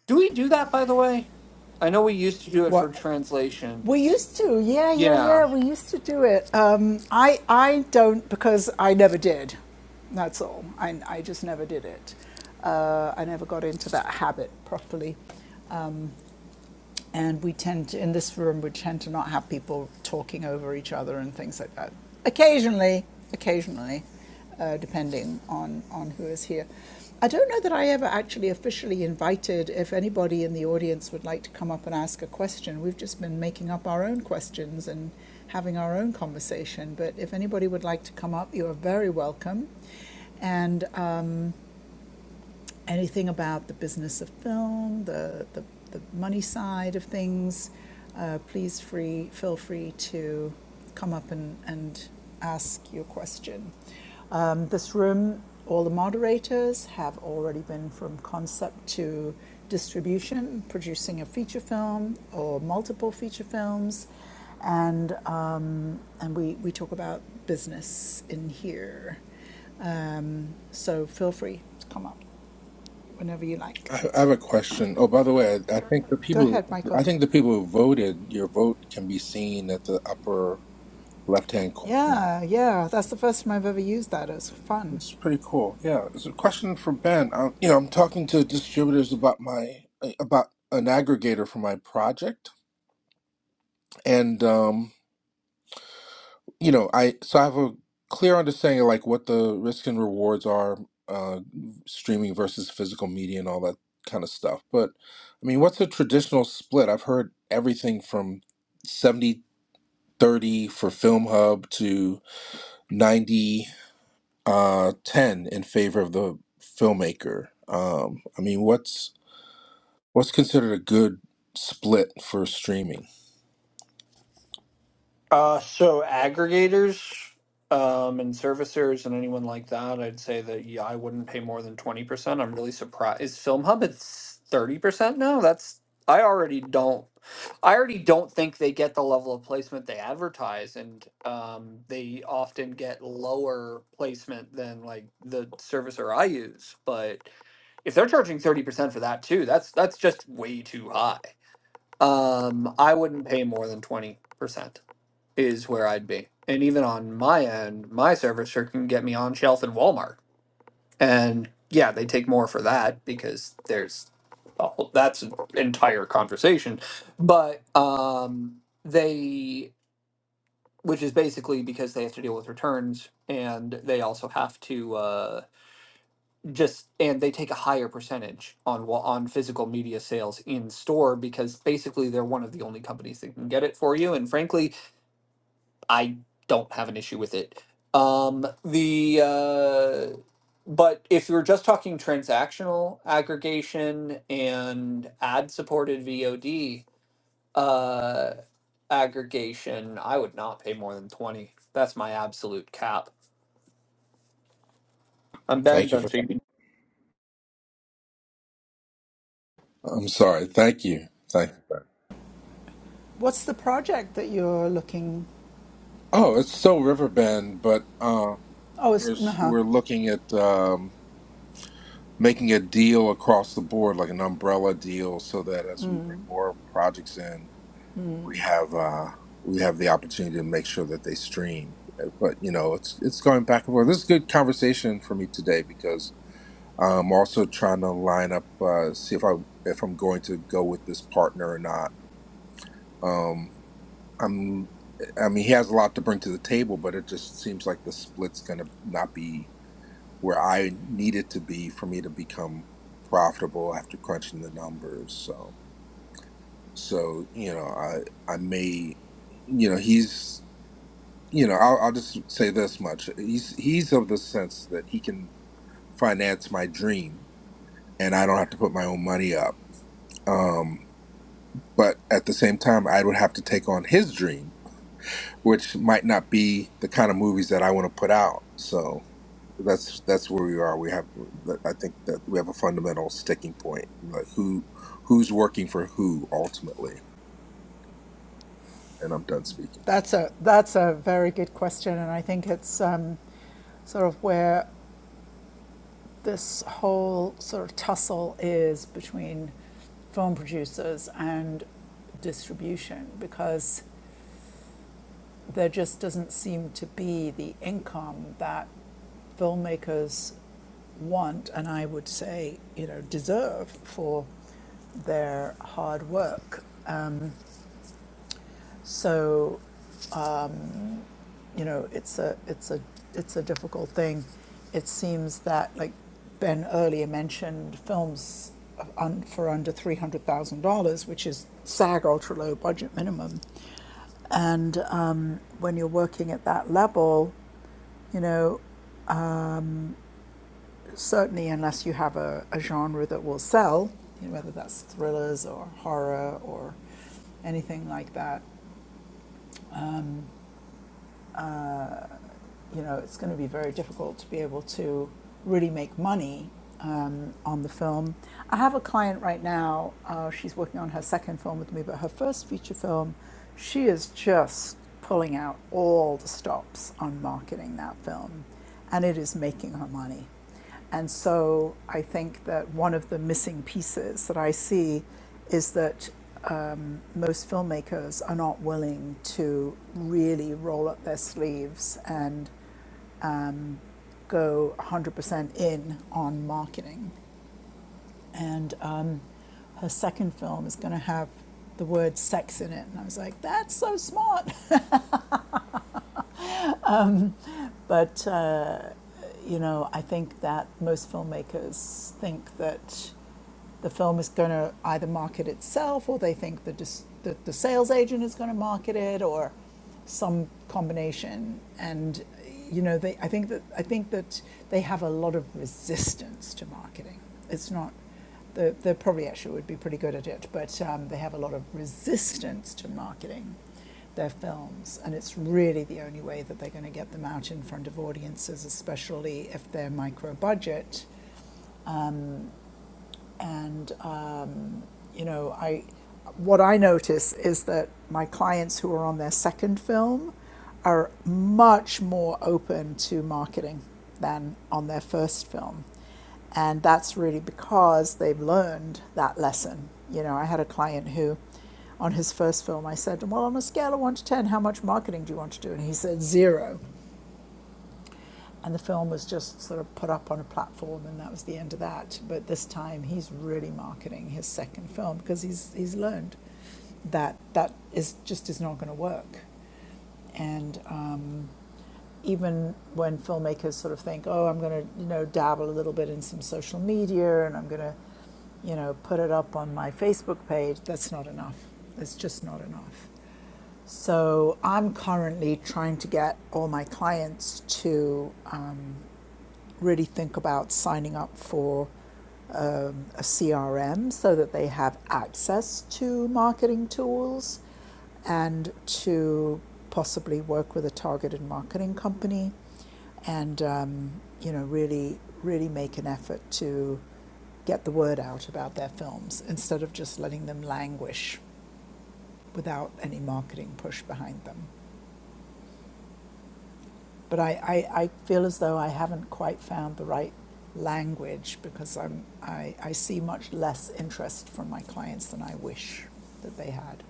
S5: Do we do that, by the way? I know we used to do it for
S1: What We
S5: translations.
S1: used to, yeah, yeah,
S5: Yeah.
S1: yeah. We used to do it. Um, I, I don't because I never did. That's all. I, I just never did it. Uh, I never got into that habit properly. And we tend to, in this room, we tend to not have people talking over each other and things like that. Occasionally, occasionally, uh, depending on, on who is here. I don't know that I ever actually officially invited if anybody in the audience would like to come up and ask a question. We've just been making up our own questions and having our own conversation. But if anybody would like to come up, you are very welcome. And um, anything about the business of film, the, the, the money side of things, uh, please free, feel free to come up and, and ask your question. Um, this room, all the moderators have already been from concept to distribution, producing a feature film or multiple feature films. And, um, and we, we talk about business in here. Um, so feel free to come up whenever you like.
S2: I I have a question. Oh, by the way, I I think the
S1: Go
S2: people,
S1: ahead, Michael.
S2: I think the people who voted, your vote can be seen at the upper left-hand corner.
S1: Yeah, yeah, that's the first time I've ever used that. It was fun.
S2: It's pretty cool. Yeah, it's a question for Ben. i you know, I'm talking to distributors about my about an aggregator for my project, and um, you know, I so I have a clear understanding of like what the risks and rewards are, uh, streaming versus physical media and all that kind of stuff. But I mean, what's a traditional split? I've heard everything from 70 30 for Film Hub to 90 uh, 10 in favor of the filmmaker. Um, I mean, what's what's considered a good split for streaming?
S5: Uh, so aggregators um, and servicers and anyone like that, I'd say that yeah, I wouldn't pay more than twenty percent. I'm really surprised. Is Film Hub it's thirty percent now? That's I already don't. I already don't think they get the level of placement they advertise, and um, they often get lower placement than like the servicer I use. But if they're charging thirty percent for that too, that's that's just way too high. Um, I wouldn't pay more than twenty percent is where I'd be. And even on my end, my servicer can get me on shelf in Walmart. And yeah, they take more for that because there's a whole, that's an entire conversation. But um, they, which is basically because they have to deal with returns and they also have to uh, just, and they take a higher percentage on wa- on physical media sales in store because basically they're one of the only companies that can get it for you. And frankly, I don't have an issue with it. Um, the uh, but if you're just talking transactional aggregation and ad supported VOD uh, aggregation, I would not pay more than twenty. That's my absolute cap. I'm Ben.
S2: Thank you
S5: Done
S2: for that.
S5: speaking.
S2: I'm sorry. Thank you. Thank you.
S1: What's the project that you're looking?
S2: Oh, it's still Riverbend, but um,
S1: Oh,
S2: We're
S1: it's,
S2: s-
S1: uh
S2: we're looking at um, making a deal across the board, like an umbrella deal, so that as we bring more projects in, we have uh, we have the opportunity to make sure that they stream. Uh, But you know, it's it's going back and forth. This is good conversation for me today because I'm also trying to line up, uh, see if I if I'm going to go with this partner or not. Um, I'm. I mean, he has a lot to bring to the table, but it just seems like the split's going to not be where I needed to be for me to become profitable after crunching the numbers. So, so you know, I I may, you know, he's you know, I'll, I'll just say this much: he's he's of the sense that he can finance my dream, and I don't have to put my own money up. Um, but at the same time, I would have to take on his dream, which might not be the kind of movies that I want to put out. So, that's that's where we are. We have I think that we have a fundamental sticking point, like who who's working for who ultimately. And I'm done speaking.
S1: that's a that's a very good question, and I think it's um, sort of where this whole sort of tussle is between film producers and distribution because there just doesn't seem to be the income that filmmakers want and I would say, you know, deserve for their hard work. Um, so, um, you know, it's a it's a it's a difficult thing. It seems that, like Ben earlier mentioned, films un, for under three hundred thousand dollars, which is SAG ultra low budget minimum, and um, when you're working at that level, you know. Certainly, unless you have a, a genre that will sell, you know, whether that's thrillers or horror or anything like that, uh, you know, it's going to be very difficult to be able to really make money um, on the film. I have a client right now. Uh, she's working on her second film with me, but her first feature film, she is just pulling out all the stops on marketing that film, and it is making her money. And so I think that one of the missing pieces that I see is that um, most filmmakers are not willing to really roll up their sleeves and um, go 100% in on marketing. And um, her second film is going to have the word sex in it. And I was like, that's so smart. But, uh, you know, I think that most filmmakers think that the film is going to either market itself or they think the, dis- the, the sales agent is going to market it or some combination and you know they I think that I think that they have a lot of resistance to marketing it's not the they probably actually would be pretty good at it but um, they have a lot of resistance to marketing their films and it's really the only way that they're going to get them out in front of audiences especially if they're micro budget and uh, you know, I what I notice is that my clients who are on their second film are much more open to marketing than on their first film. And that's really because they've learned that lesson. You know, I had a client who on his first film I said, "Well, on a scale of 1 to 10, how much marketing do you want to do?" And he said, "0." And the film was just sort of put up on a platform, and that was the end of that. But this time, he's really marketing his second film because he's he's learned that that is just is not going to work. And um, even when filmmakers sort of think, oh, I'm going to you know dabble a little bit in some social media, and I'm going to you know put it up on my Facebook page, that's not enough. It's just not enough. So I'm currently trying to get all my clients to um, really think about signing up for um, a CRM so that they have access to marketing tools and to possibly work with a targeted marketing company and um, you know really really make an effort to get the word out about their films instead of just letting them languish without any marketing push behind them. but I, I, I feel as though I haven't quite found the right language because I'm, I, I see much less interest from my clients than I wish that they had.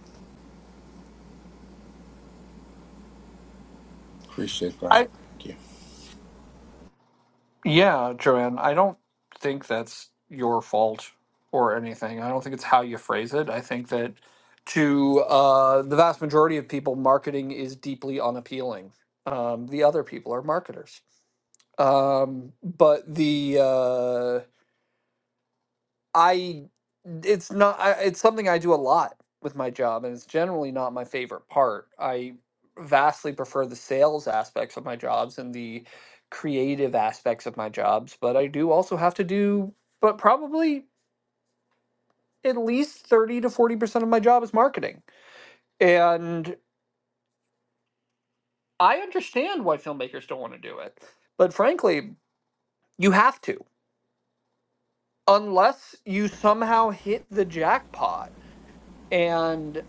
S2: Appreciate that.
S5: I
S2: Thank you.
S5: Yeah, Joanne, I don't think that's your fault or anything. I don't think it's how you phrase it. I think that to uh, the vast majority of people, marketing is deeply unappealing. Um, the other people are marketers. Um, but the uh, I it's not I, it's something I do a lot with my job and it's generally not my favorite part. I vastly prefer the sales aspects of my jobs and the creative aspects of my jobs, but I do also have to do but probably at least 30 to 40% of my job is marketing. And I understand why filmmakers don't want to do it. But frankly, you have to unless you somehow hit the jackpot and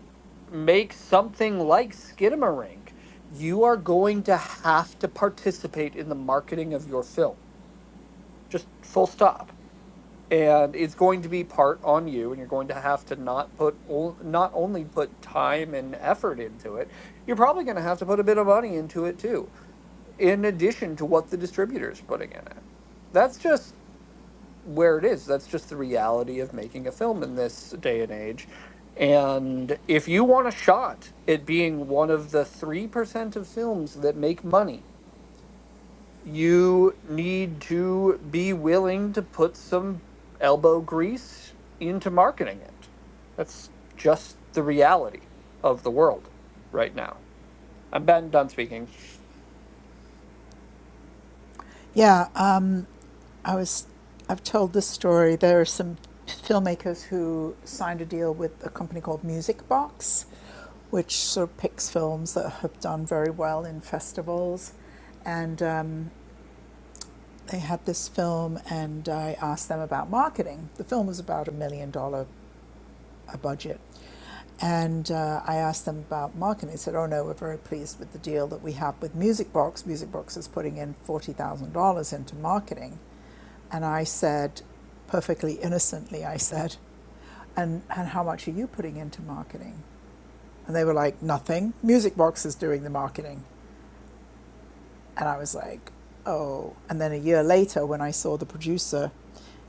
S5: make something like Skidamarink, you are going to have to participate in the marketing of your film. Just full stop. And it's going to be part on you, and you're going to have to not put o- not only put time and effort into it, you're probably going to have to put a bit of money into it too, in addition to what the distributor is putting in it. That's just where it is. That's just the reality of making a film in this day and age. And if you want a shot at being one of the 3% of films that make money, you need to be willing to put some elbow grease into marketing it. That's just the reality of the world right now. I'm Ben, done speaking.
S1: Yeah, uh, I was, I've told this story. There are some filmmakers who signed a deal with a company called Music Box, which sort of picks films that have done very well in festivals. And um, they had this film, and I asked them about marketing. The film was about a million dollar a budget. And uh, I asked them about marketing. They said, "Oh no, we're very pleased with the deal that we have with Music Box. Music Box is putting in forty thousand dollars into marketing." And I said, perfectly innocently, I said, "And and how much are you putting into marketing?" And they were like, "Nothing. Music Box is doing the marketing." And I was like, "Oh." And then a year later, when I saw the producer,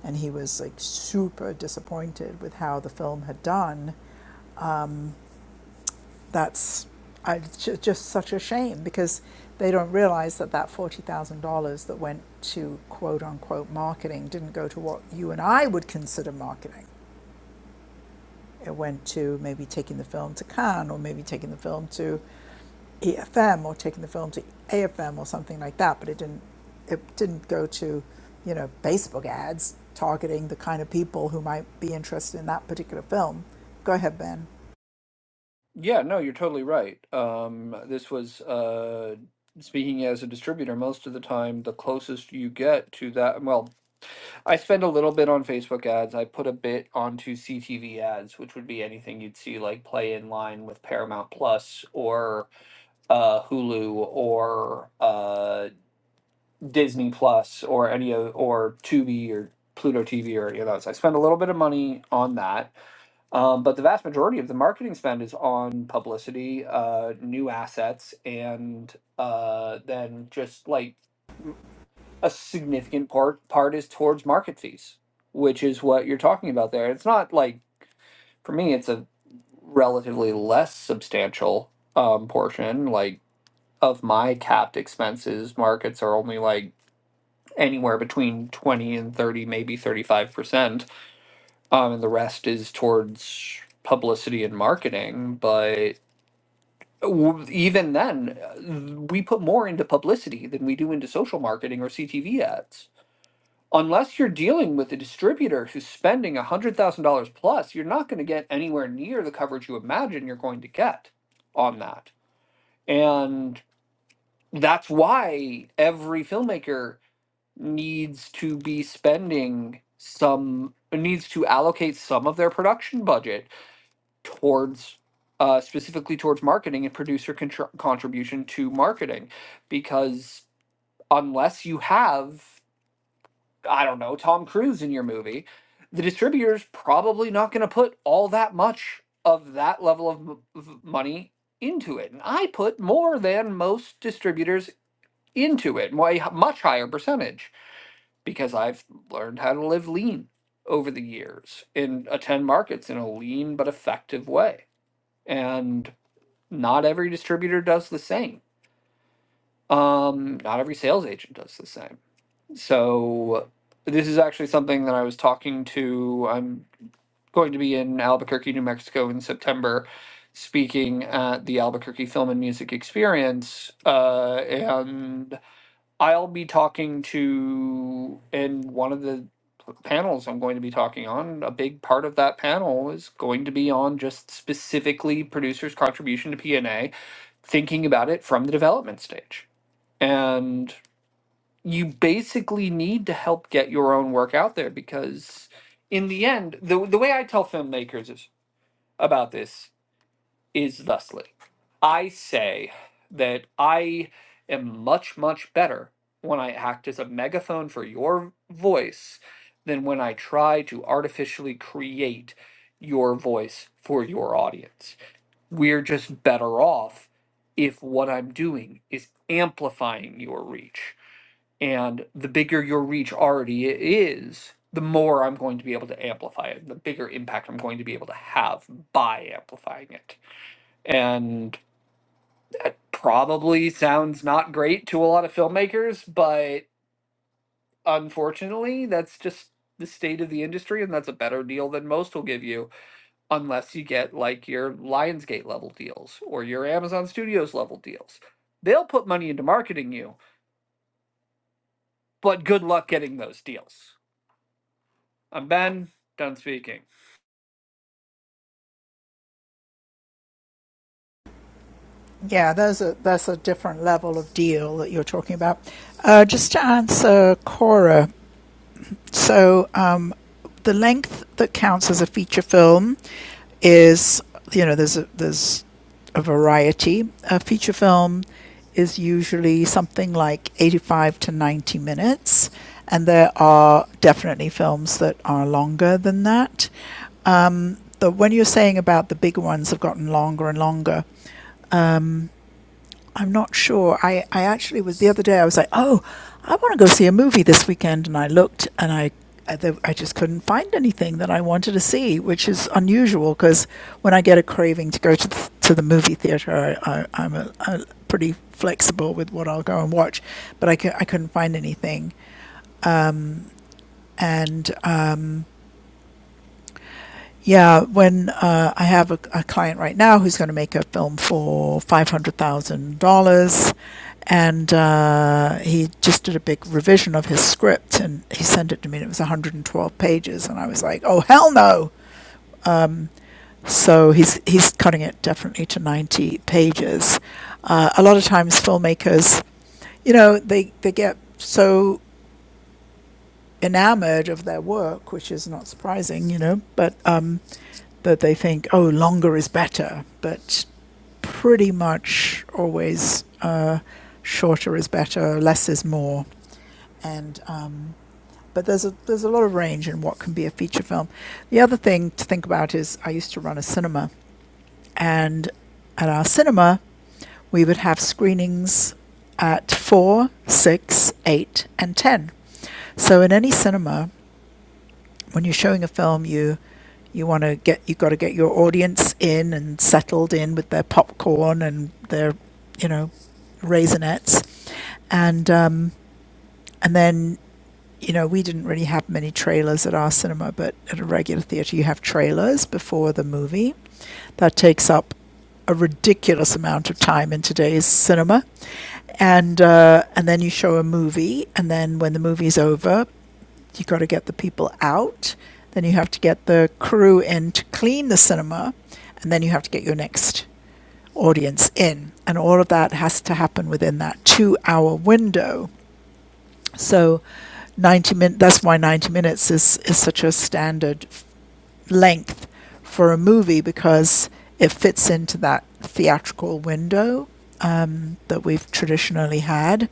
S1: and he was like super disappointed with how the film had done That's I, just such a shame because they don't realize that that $40,000 that went to quote unquote marketing didn't go to what you and I would consider marketing. It went to maybe taking the film to Cannes or maybe taking the film to EFM or taking the film to AFM or something like that, but it didn't it didn't go to, you know, Facebook ads targeting the kind of people who might be interested in that particular film. Go ahead, Ben.
S5: Yeah, no, you're totally right. Um, this was uh, speaking as a distributor, most of the time, the closest you get to that. Well, I spend a little bit on Facebook ads. I put a bit onto CTV ads, which would be anything you'd see like play in line with Paramount Plus or uh, Hulu or uh, Disney Plus or any of or Tubi or Pluto TV or any of those. I spend a little bit of money on that um, but the vast majority of the marketing spend is on publicity, uh, new assets, and uh, then just like a significant part part is towards market fees, which is what you're talking about there. It's not like for me, it's a relatively less substantial um, portion. Like of my capped expenses, markets are only like anywhere between twenty and thirty, maybe thirty five percent, um, and the rest is towards publicity and marketing, but w- even then, uh, we put more into publicity than we do into social marketing or CTV ads. Unless you're dealing with a distributor who's spending $100,000 plus, you're not going to get anywhere near the coverage you imagine you're going to get on that. And that's why every filmmaker needs to be spending some, needs to allocate some of their production budget towards uh, specifically towards marketing and producer contr- contribution to marketing because unless you have i don't know tom cruise in your movie the distributor's probably not going to put all that much of that level of m- of money into it and i put more than most distributors into it my much higher percentage because i've learned how to live lean over the years and attend markets in a lean but effective way and not every distributor does the same. Um, not every sales agent does the same. So this is actually something that I was talking to. I'm going to be in Albuquerque, New Mexico in September, speaking at the Albuquerque Film and Music Experience, uh, and I'll be talking to in one of the panels I'm going to be talking on. A big part of that panel is going to be on just specifically producers' contribution to P&A thinking about it from the development stage. And you basically need to help get your own work out there because in the end, the the way I tell filmmakers is, about this is thusly. I say that I am much, much better when I act as a megaphone for your voice than when I try to artificially create your voice for your audience we're just better off if what I'm doing is amplifying your reach. And the bigger your reach already is, the more I'm going to be able to amplify it, the bigger impact I'm going to be able to have by amplifying it. And that probably sounds not great to a lot of filmmakers, but unfortunately, that's just the state of the industry, and that's a better deal than most will give you unless you get like your Lionsgate level deals or your Amazon Studios level deals. They'll put money into marketing you, but good luck getting those deals. I'm Ben, done speaking.
S1: Yeah, that's a that's a different level of deal that you're talking about. Uh, just to answer Cora, so um, the length that counts as a feature film is you know there's a, there's a variety. A feature film is usually something like 85 to 90 minutes, and there are definitely films that are longer than that. Um, the when you're saying about the big ones have gotten longer and longer, I'm not sure. I, I actually was the other day. I was like, oh, I want to go see a movie this weekend, and I looked and I I I just couldn't find anything that I wanted to see, which is unusual because when I get a craving to go to the, to the movie theater, I, I, I'm a, a pretty flexible with what I'll go and watch. But I, c- I couldn't find anything, and um, Yeah, when uh, I have a, a client right now who's going to make a film for five hundred thousand dollars, and uh, he just did a big revision of his script, and he sent it to me, and it was one hundred and twelve pages, and I was like, "Oh hell no!" So he's he's cutting it definitely to ninety pages. Uh, a lot of times, filmmakers, you know, they they get so enamored of their work, which is not surprising, you know, but um, that they think, oh, longer is better. But pretty much always uh, shorter is better, less is more, and um, but there's a there's a lot of range in what can be a feature film. The other thing to think about is I used to run a cinema, and at our cinema we would have screenings at four, six, eight, and ten. So in any cinema, when you're showing a film, you you want to get you've got to get your audience in and settled in with their popcorn and their you know raisinettes and um, and then you know we didn't really have many trailers at our cinema, but at a regular theater you have trailers before the movie. That takes up a ridiculous amount of time in today's cinema, and uh, and then you show a movie, and then when the movie's over, you got to get the people out. Then you have to get the crew in to clean the cinema, and then you have to get your next audience in. And all of that has to happen within that two hour window. So 90 min that's why 90 minutes is, is such a standard length for a movie because it fits into that theatrical window um, that we've traditionally had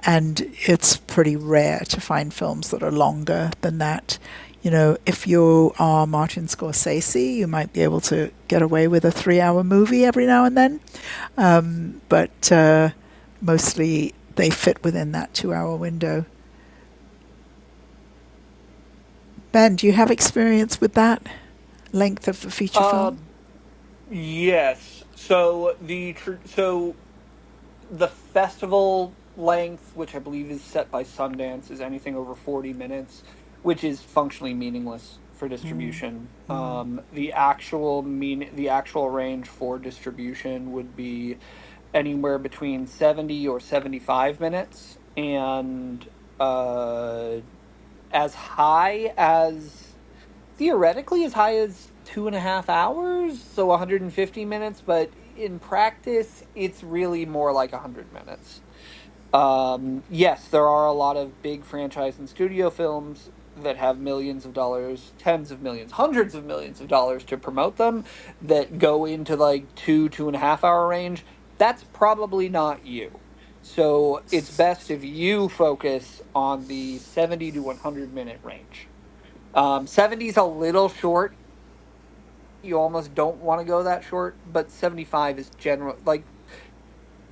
S1: and it's pretty rare to find films that are longer than that you know if you are martin scorsese you might be able to get away with a three hour movie every now and then um, but uh, mostly they fit within that two hour window Ben, do you have experience with that length of a feature
S5: Uh,
S1: film?
S5: yes. So the tr- so the festival length, which I believe is set by Sundance, is anything over forty minutes, which is functionally meaningless for
S1: Mm-hmm.
S5: distribution. Um, the actual mean the actual range for distribution would be anywhere between 70 or 75 minutes and uh as high as theoretically as high as two and a half hours so 150 minutes but in practice it's really more like 100 minutes um, yes, there are a lot of big franchise and studio films that have millions of dollars, tens of millions, hundreds of millions of dollars to promote them that go into like two, two and a half hour range. That's probably not you. So it's best if you focus on the 70 to 100 minute range. Um, 70 is a little short. You almost don't want to go that short, but 75 is general. Like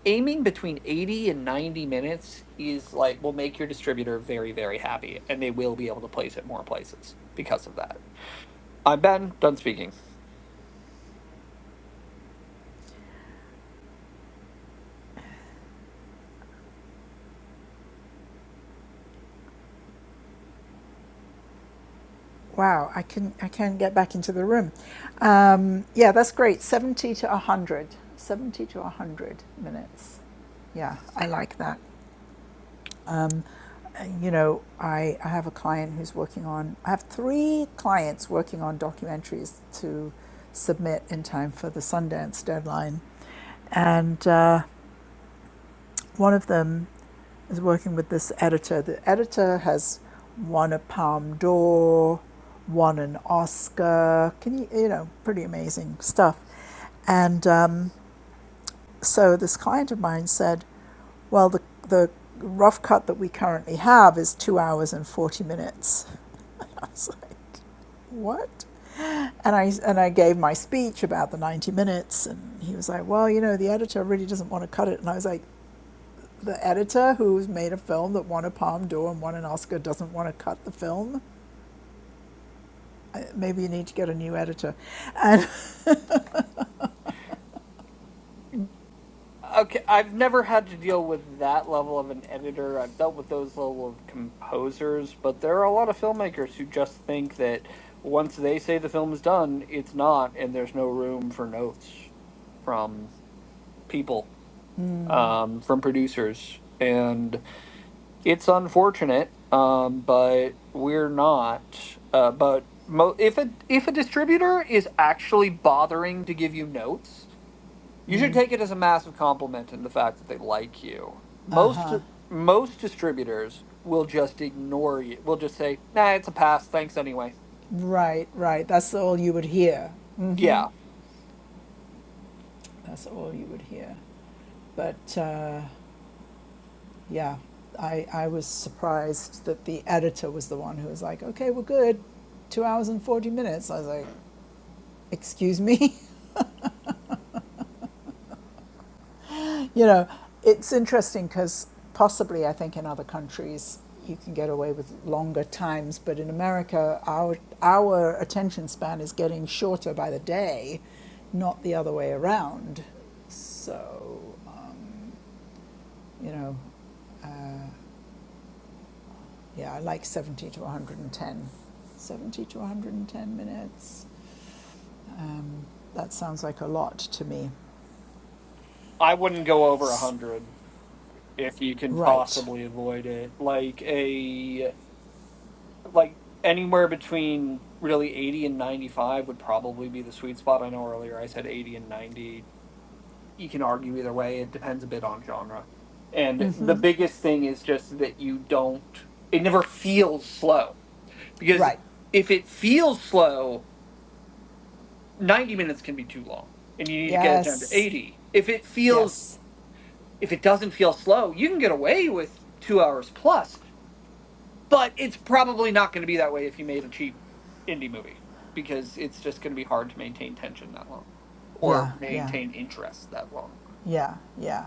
S5: aiming between 80 and 90 minutes is like will make your distributor very very happy and they will be able to place it more places because of that i'm ben done speaking
S1: Wow, I can I can get back into the room. Um, yeah, that's great. Seventy to one hundred. Seventy to one hundred minutes. Yeah, I like that. Um, you know, I, I have a client who's working on. I have three clients working on documentaries to submit in time for the Sundance deadline, and uh, one of them is working with this editor. The editor has won a Palm d'Or, won an Oscar. Can you, you know, pretty amazing stuff. And um, so this client of mine said, "Well, the the rough cut that we currently have is two hours and forty minutes." And I was like, "What?" And I and I gave my speech about the ninety minutes, and he was like, "Well, you know, the editor really doesn't want to cut it." And I was like, the editor who's made a film that won a Palme d'Or and won an Oscar doesn't want to cut the film. Uh, Maybe you need to get a new editor. And
S5: okay i've never had to deal with that level of an editor i've dealt with those level of composers but there are a lot of filmmakers who just think that once they say the film's done it's not and there's no room for notes from people um, from producers and. it's unfortunate, um, but we're not. Uh, but mo- if a if a distributor is actually bothering to give you notes, you should take it as a massive compliment in the fact that they like you. Most
S1: uh-huh.
S5: most distributors will just ignore you. Will just say, "Nah, it's a pass. Thanks anyway."
S1: right, right. That's all you would hear.
S5: Yeah,
S1: That's all you would hear. But uh, yeah, I I was surprised that the editor was the one who was like, okay, we're good. Two hours and forty minutes. I was like, excuse me. You know, it's interesting because possibly I think in other countries you can get away with longer times, but in America our our attention span is getting shorter by the day, not the other way around. So, um, you know, uh, yeah, I like 70 to 110. 70 to 110 minutes. Um, that sounds like a lot to me.
S5: I wouldn't go over a
S1: S-
S5: hundred if you can
S1: Right,
S5: possibly avoid it. Like a like anywhere between really 80 and 95 would probably be the sweet spot. I know earlier I said 80 and 90. You can argue either way. It depends a bit on genre. And the biggest thing is just that you don't, it never feels slow. Because
S1: right.
S5: if it feels slow, 90 minutes can be too long and you need to get it down to
S1: Yes,
S5: 80. If it feels,
S1: yes.
S5: if it doesn't feel slow, you can get away with two hours plus. but it's probably not going to be that way if you made a cheap indie movie because it's just going to be hard to maintain tension that long or
S1: Yeah, yeah.
S5: maintain interest that long.
S1: Yeah, yeah.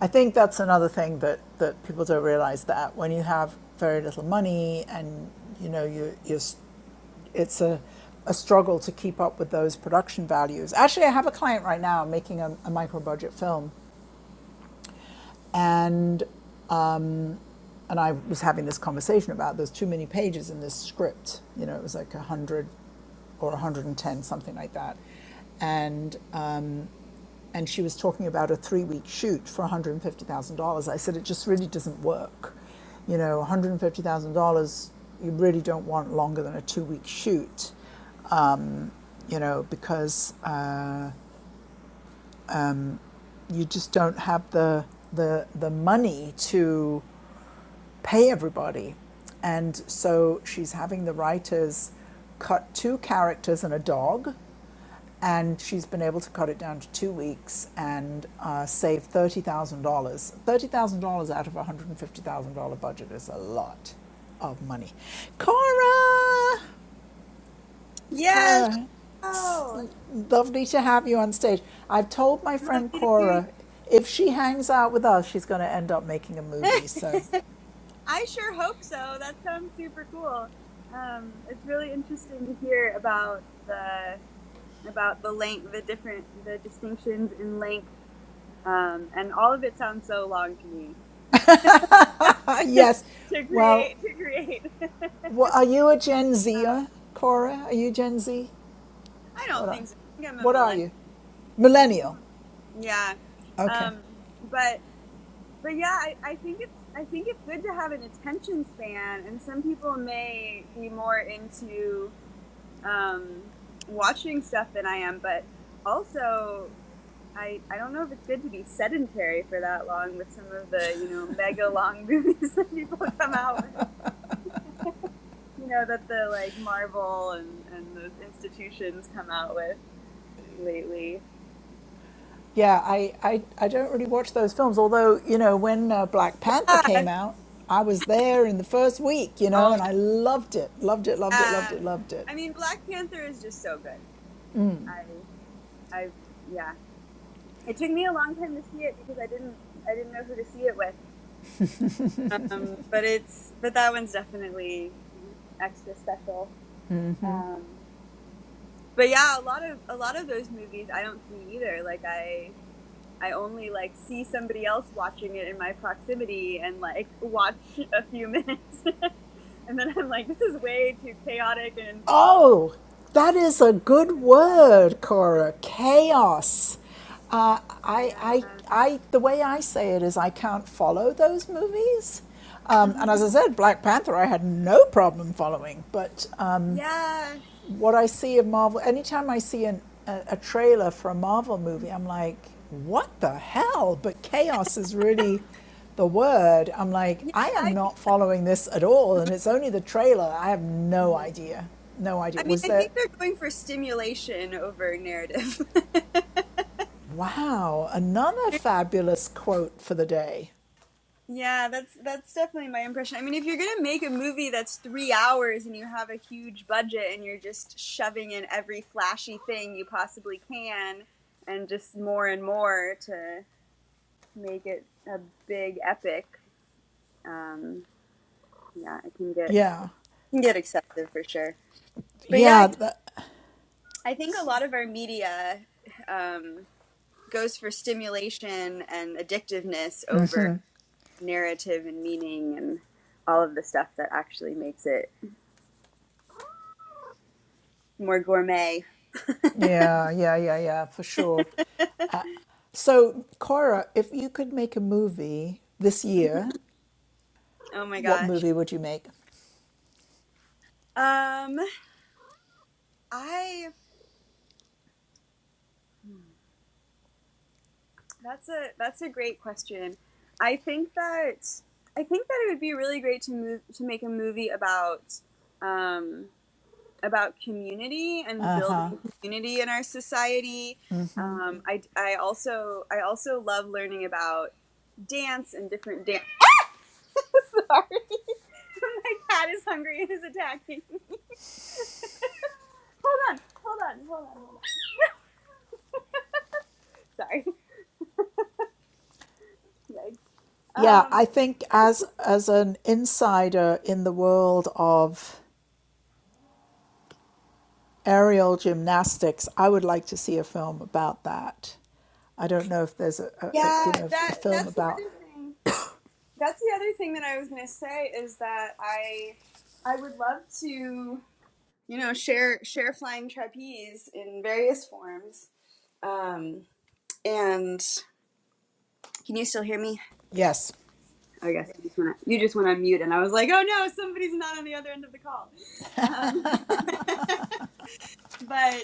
S1: I think that's another thing that, that people don't realize that when you have very little money and you know you you it's a a struggle to keep up with those production values. Actually, I have a client right now making a, a micro budget film and and I was having this conversation about there's too many pages in this script. You know, it was like 100 or 110 something like that. And Um, and she was talking about a three week shoot for $150,000. I said, it just really doesn't work. You know, $150,000, you really don't want longer than a two week shoot, um, you know, because uh, you just don't have the, the, the money to pay everybody. And so she's having the writers cut two characters and a dog, and she's been able to cut it down to two weeks and uh, save thirty thousand dollars. Thirty thousand dollars out of a one hundred and fifty thousand dollar budget is a lot of money. Cora,
S6: Yes.
S1: Cora, it's
S6: Oh,
S1: lovely to have you on stage. I've told my friend
S6: lovely to hear you.
S1: Cora if she hangs out with us, she's going to end up making a movie. So
S6: I sure hope so. That sounds super cool. Um, it's really interesting to hear about the about the length, the different, the distinctions in length, um, and all of it sounds so long to me
S1: uh,
S6: to
S1: yes, well,
S6: create. To create.
S1: Wha are you a Gen
S6: um,
S1: Zer, Cora? Are you Gen Z?
S6: I
S1: What
S6: don't
S1: are,
S6: think so. I think I'm a
S1: what are
S6: millennial.
S1: you?
S6: I think. I'm
S1: Millennial.
S6: a, yeah.
S1: Okay.
S6: Um, but but yeah, I, I think it's I think it's good to have an attention span, and some people may be more into um, watching stuff than I am, but also I I don't know if it's good to be sedentary for that long with some of the you know mega long movies that people come out with. you know that the like Marvel and and those institutions come out with lately.
S1: Yeah, I, I, I don't really watch those films, although, you know, when uh, Black Panther
S6: Yeah.
S1: came out, I was there in the first week, you know,
S6: Oh
S1: and I loved it, loved
S6: my
S1: it, loved it, loved
S6: yeah.
S1: it, loved it.
S6: I mean, Black Panther is just so good. I I yeah. It took me a long time to see it because I didn't I didn't know who to see it with. Um, but it's but that one's definitely extra special. Um, but yeah, a lot of a lot of those movies I don't see either. Like I I only like see somebody else watching it in my proximity and like watch a few minutes. and then I'm like this is way too chaotic and involved
S1: Oh, that is a good
S6: and complicated.
S1: word, Cora. Chaos. Uh, I,
S6: Yeah.
S1: I, I, the way I say it is, I can't follow those movies. Um,
S6: Mhm.
S1: and as I said, Black Panther, I had no problem following, but uh,
S6: Yeah.
S1: what I see of Marvel, anytime I see an, a, a trailer for a Marvel movie, I'm like, what the hell? But chaos is really the word. I'm like,
S6: Yeah,
S1: I am
S6: I
S1: not following this at all. And it's only the trailer. I have no
S6: mm-hmm.
S1: idea. No
S6: I
S1: idea.
S6: mean,
S1: Was
S6: I
S1: there,
S6: think they're going for stimulation over narrative.
S1: wow, another fabulous quote for the day.
S6: yeah, that's that's definitely my impression. I mean, if you're gonna make a movie that's three hours and you have a huge budget and you're just shoving in every flashy thing you possibly can, and just more and more to make it a big epic, um, yeah, it can get
S1: Yeah.
S6: can get excessive for sure. But yeah,
S1: Yeah.
S6: I
S1: That,
S6: think a lot of our media. Um, goes for stimulation and addictiveness over narrative and meaning and all of the stuff that actually makes it more gourmet.
S1: yeah. Yeah. Yeah. Yeah. For sure. So, Cora, if you could make a movie this year,
S6: oh my
S1: what
S6: gosh.
S1: movie would you make?
S6: Um I that's a that's a great question. I think that I think that it would be really great to move to make a movie about um about community and building community in our society. Um, I, I also I also love learning about dance and different dance. Sorry, my cat is hungry and is attacking. Hold on, hold on, hold on, hold on. Sorry. Yikes.
S1: Yeah,
S6: Um,
S1: I think as as an insider in the world of aerial gymnastics, I would like to see a film about that. I don't know if there's a, a, a
S6: yeah,
S1: you know a
S6: that
S1: film
S6: that's the
S1: about
S6: other thing. That's the other thing that I was gonna say is that I I would love to you know share share flying trapeze in various forms. Um, And can you still hear me?
S1: yes,
S6: I guess you just went on, you just went on mute, and I was like, oh no, somebody's not on the other end of the call. Um, but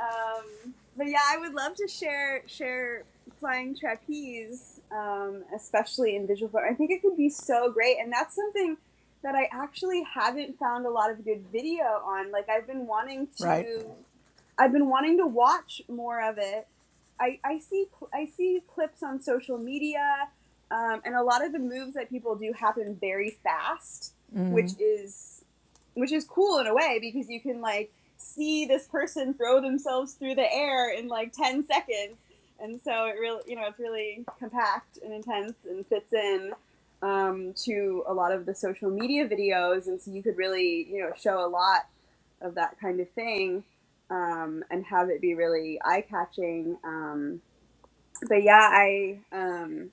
S6: um, but yeah, I would love to share share flying trapeze, um, especially in visual form. I think it could be so great, and that's something that I actually haven't found a lot of good video on. Like I've been wanting
S1: right.
S6: to. I've been wanting to watch more of it. I, I see I see clips on social media, um, and a lot of the moves that people do happen very fast, which is which is cool in a way because you can like see this person throw themselves through the air in like ten seconds, and so it really you know it's really compact and intense and fits in um, to a lot of the social media videos, and so you could really you know show a lot of that kind of thing um, and have it be really eye catching. Um, but yeah, I um,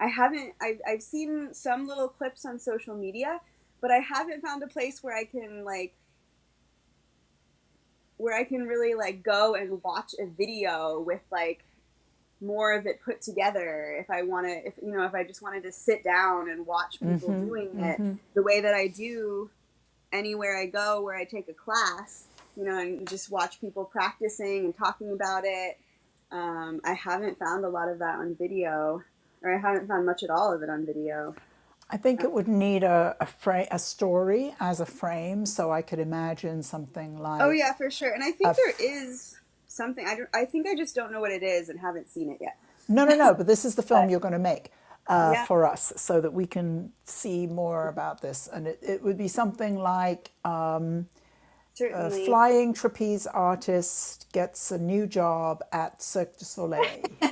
S6: I haven't. I've I've seen some little clips on social media, but I haven't found a place where I can like where I can really like go and watch a video with like more of it put together. If I want to, if you know, if I just wanted to sit down and watch people doing it the way that I do anywhere I go where I take a class, you know, and just watch people practicing and talking about it. Um, I haven't found a lot of that on video, or I haven't found much at all of it on video.
S1: I think
S6: Um,
S1: it would need a a, fra- a story as a frame, so I could imagine something
S6: oh
S1: like
S6: yeah, for sure. And I
S1: a
S6: think there
S1: f-
S6: is something. I don't. I think I just don't know what it is and haven't seen it yet.
S1: no no no, but this is the film you're
S6: But
S1: going to make uh,
S6: yeah,
S1: for us so that we can see more about this, and it, it would be something like a
S6: certainly.
S1: flying trapeze artist gets a new job at Cirque du Soleil,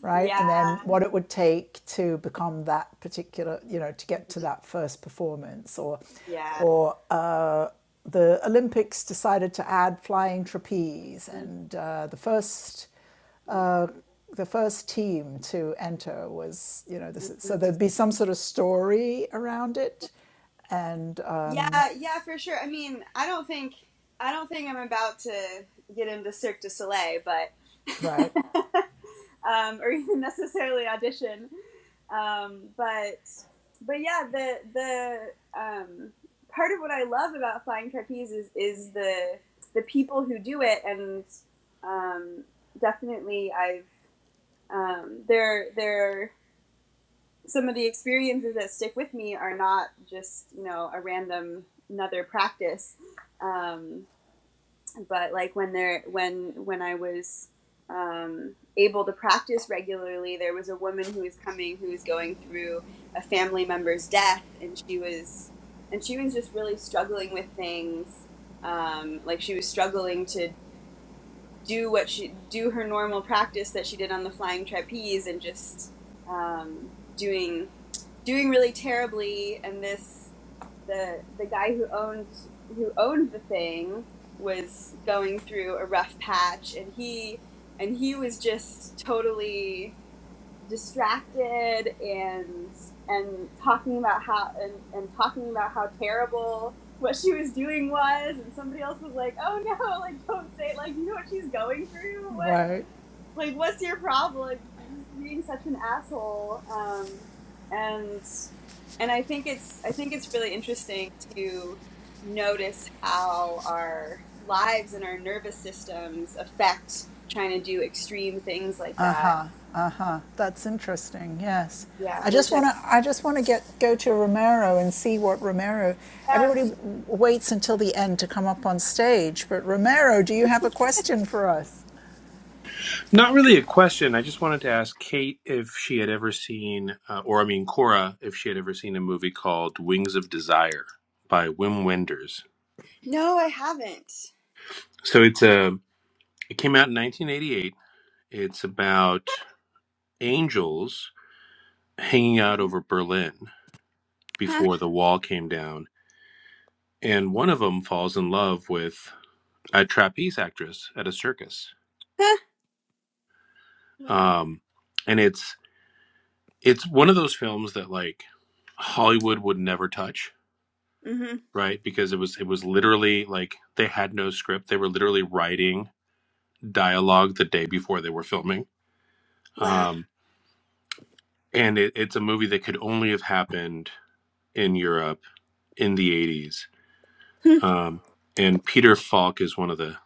S1: right? And then
S6: yeah.
S1: what it would take to become that particular, you know, to get to
S6: Mm-hmm.
S1: that first performance, or,
S6: Yeah.
S1: or uh, the Olympics decided to add flying trapeze,
S6: Mm-hmm.
S1: and uh, the first.
S6: Yeah.
S1: Uh, the first team to enter was, you know, this. Is, so
S6: Mm-hmm.
S1: there'd be some sort of story around it, and
S6: Yeah,
S1: um,
S6: yeah, for sure. I mean, I don't think I don't think I'm about to get into Cirque du Soleil, but
S1: right,
S6: um, or even necessarily audition. Um, but but yeah, the the um, part of what I love about flying trapeze is is the the people who do it, and um, definitely I've um, they're they're some of the experiences that stick with me are not just you know a random another practice um, but like when there when when i was um, able to practice regularly there was a woman who was coming who was going through a family member's death and she was and she was just really struggling with things um, like she was struggling to do what she do her normal practice that she did on the flying trapeze and just um, doing doing really terribly and this the the guy who owned who owned the thing was going through a rough patch and he and he was just totally distracted and and talking about how and, and talking about how terrible what she was doing was and somebody else was like oh no like don't say it like you know what she's going through what
S1: right.
S6: like what's your problem like you're just being such an asshole um and and i think it's i think it's really interesting to notice how our lives and our nervous systems affect trying to do extreme things like that
S1: Uh-huh, uh-huh. That's interesting. Yes. I
S6: yeah
S1: just
S6: which i
S1: want to I just want to get go to Romero and see what Romero
S6: yeah
S1: Everybody
S6: please.
S1: waits until the end to come up on stage, but Romero, do you have a question for us?
S7: Not really a question. I just wanted to ask Kate if she had ever seen, uh, or I mean Cora, if she had ever seen a movie called Wings of Desire by Wim Wenders.
S6: No, I haven't.
S7: So it's a. It came out in 1988. It's about angels hanging out over Berlin
S6: Huh.
S7: before the wall came down, and one of them falls in love with a trapeze actress at a circus.
S6: Huh. Wow.
S7: Um, and it's it's one of those films that like Hollywood would never touch
S6: hmm
S7: right? Because it was it was literally like they had no script. They were literally writing dialogue the day before they were filming.
S6: Wow.
S7: Um, and it, it's a movie that could only have happened in Europe in the eighties. Um, and Peter Falk is one of the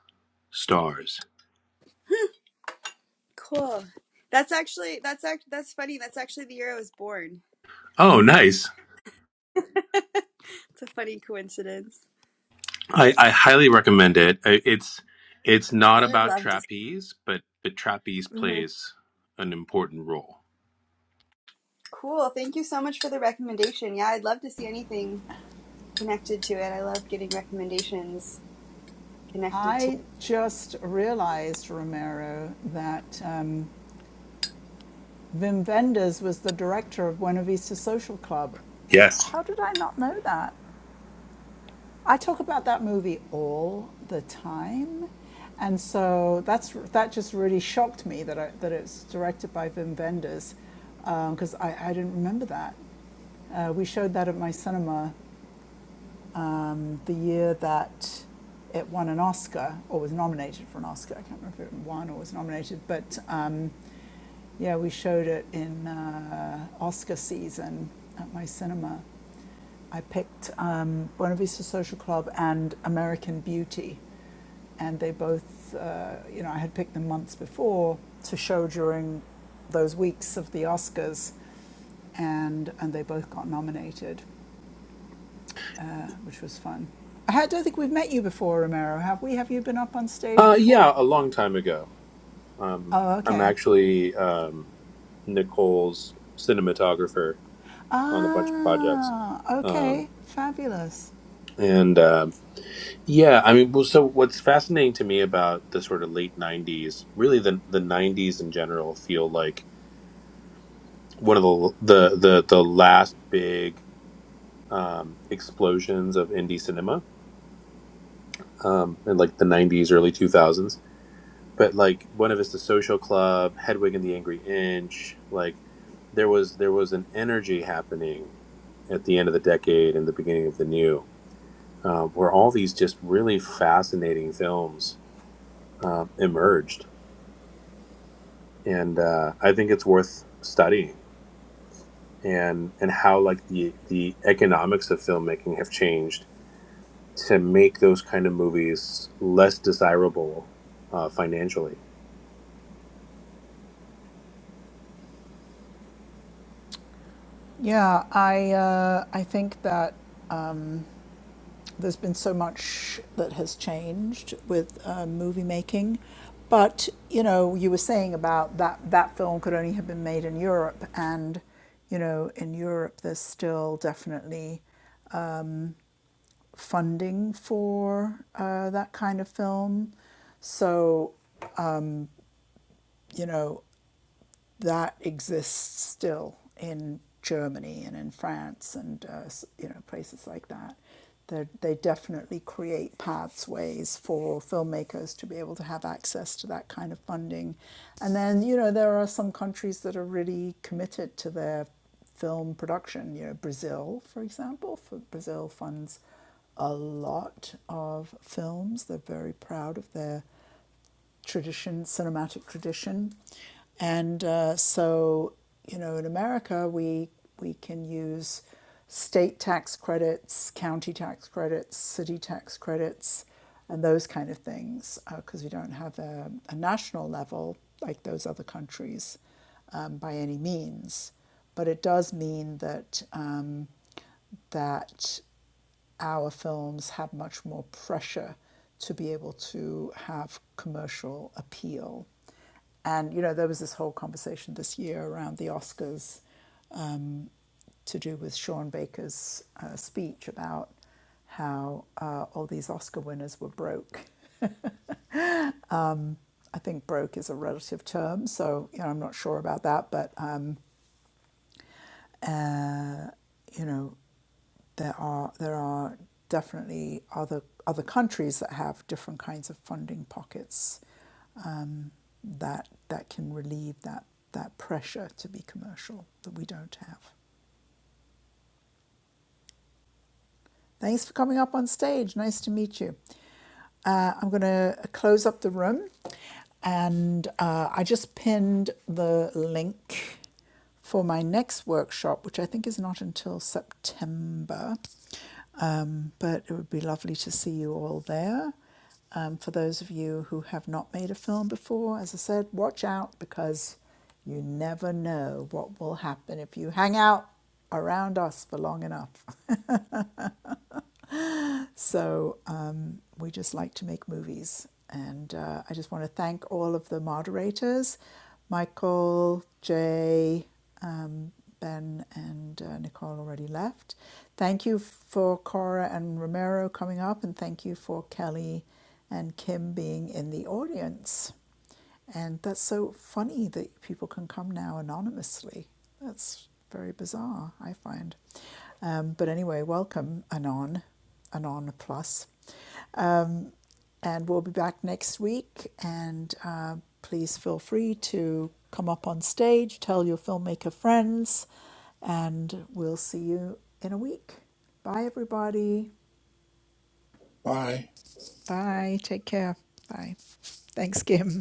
S7: stars.
S6: cool. That's actually that's act that's funny. That's actually the year I was born.
S7: Oh, nice!
S6: It's a funny coincidence.
S7: I, I highly recommend it. I- It's it's not
S6: I would
S7: about
S6: love to.
S7: trapeze, but but trapeze
S6: hmm
S7: plays an important role.
S6: Cool. Thank you so much for the recommendation. Yeah, I'd love to see anything connected to it. I love getting recommendations connected
S1: I just realized, Romero, that um, Wim Wenders was the director of Buena Vista Social Club.
S7: Yes.
S1: How did I not know that? I talk about that movie all the time, and so that's that just really shocked me that I, that it's directed by Wim Wenders because um, I, I didn't remember that. Uh, we showed that at my cinema um, the year that it won an Oscar or was nominated for an Oscar. I can't remember if it won or was nominated, but um, yeah, we showed it in uh, Oscar season at my cinema. I picked um, Buena Vista Social Club and American Beauty, and they both, uh, you know, I had picked them months before to show during those weeks of the Oscars, and and they both got nominated uh, which was fun. I don't think we've met you before, Romero. Have we? Have you been up on stage
S7: Uh,
S1: before?
S7: yeah, a long time ago. Um,
S1: Oh,
S7: I'm
S1: okay.
S7: actually um, Nicole's cinematographer on a bunch of projects.
S1: Ah, okay.
S7: Um,
S1: Fabulous.
S7: and um yeah, I mean, well, so what's fascinating to me about the sort of late '90s, really the the '90s in general, feel like one of the the the, the last big um, explosions of indie cinema um, in like the '90s, early 2000s but like Buena Vista Social Club, Hedwig and the Angry Inch, like there was there was an energy happening at the end of the decade and the beginning of the new, um, where all these just really fascinating films um, emerged, and uh, I think it's worth studying and and how like the the economics of filmmaking have changed to make those kind of movies less desirable uh, financially
S1: Yeah, I uh, I think that there's been so much that has changed with uh, movie making, but you know, you were saying about that that film could only have been made in Europe, and you know, in Europe, there's still definitely funding for uh, that kind of film. So, you know, that exists still in Germany and in France and uh, you know places like that. They're, they definitely create pathways for filmmakers to be able to have access to that kind of funding, and then you know there are some countries that are really committed to their film production. You know Brazil, for example, for Brazil funds a lot of films. They're very proud of their tradition, cinematic tradition. And uh, so, you know, in America, we, we can use state tax credits, county tax credits, city tax credits, and those kind of things, because uh, we don't have a, a national level like those other countries um, by any means. But it does mean that, um, that our films have much more pressure to be able to have commercial appeal. And, you know, there was this whole conversation this year around the Oscars to do with Sean Baker's uh, speech about how uh, all these Oscar winners were broke. I think broke is a relative term, so, you know, I'm not sure about that, but, um, uh, you know, there are there are definitely other other countries that have different kinds of funding pockets mm, that that can relieve that that pressure to be commercial that we don't have. Thanks for coming up on stage. Nice to meet you. Uh, I'm going to close up the room. And uh, I just pinned the link for my next workshop, which I think is not until September. Um, but it would be lovely to see you all there. Um, for those of you who have not made a film before, as I said, watch out because you never know what will happen if you hang out around us for long enough. So um, we just like to make movies. And uh, I just want to thank all of the moderators Michael, Jay, um, Ben, and uh, Nicole already left. Thank you for Cora and Romero coming up, and thank you for Kelly and Kim being in the audience. And that's so funny that people can come now anonymously. That's very bizarre, I find. Um, but anyway, welcome, Anon, Anon Plus. And we'll be back next week. And uh, please feel free to come up on stage, tell your filmmaker friends, and we'll see you in a week. Bye, everybody.
S2: Bye.
S1: Bye. Take care. Bye. Thanks, Kim.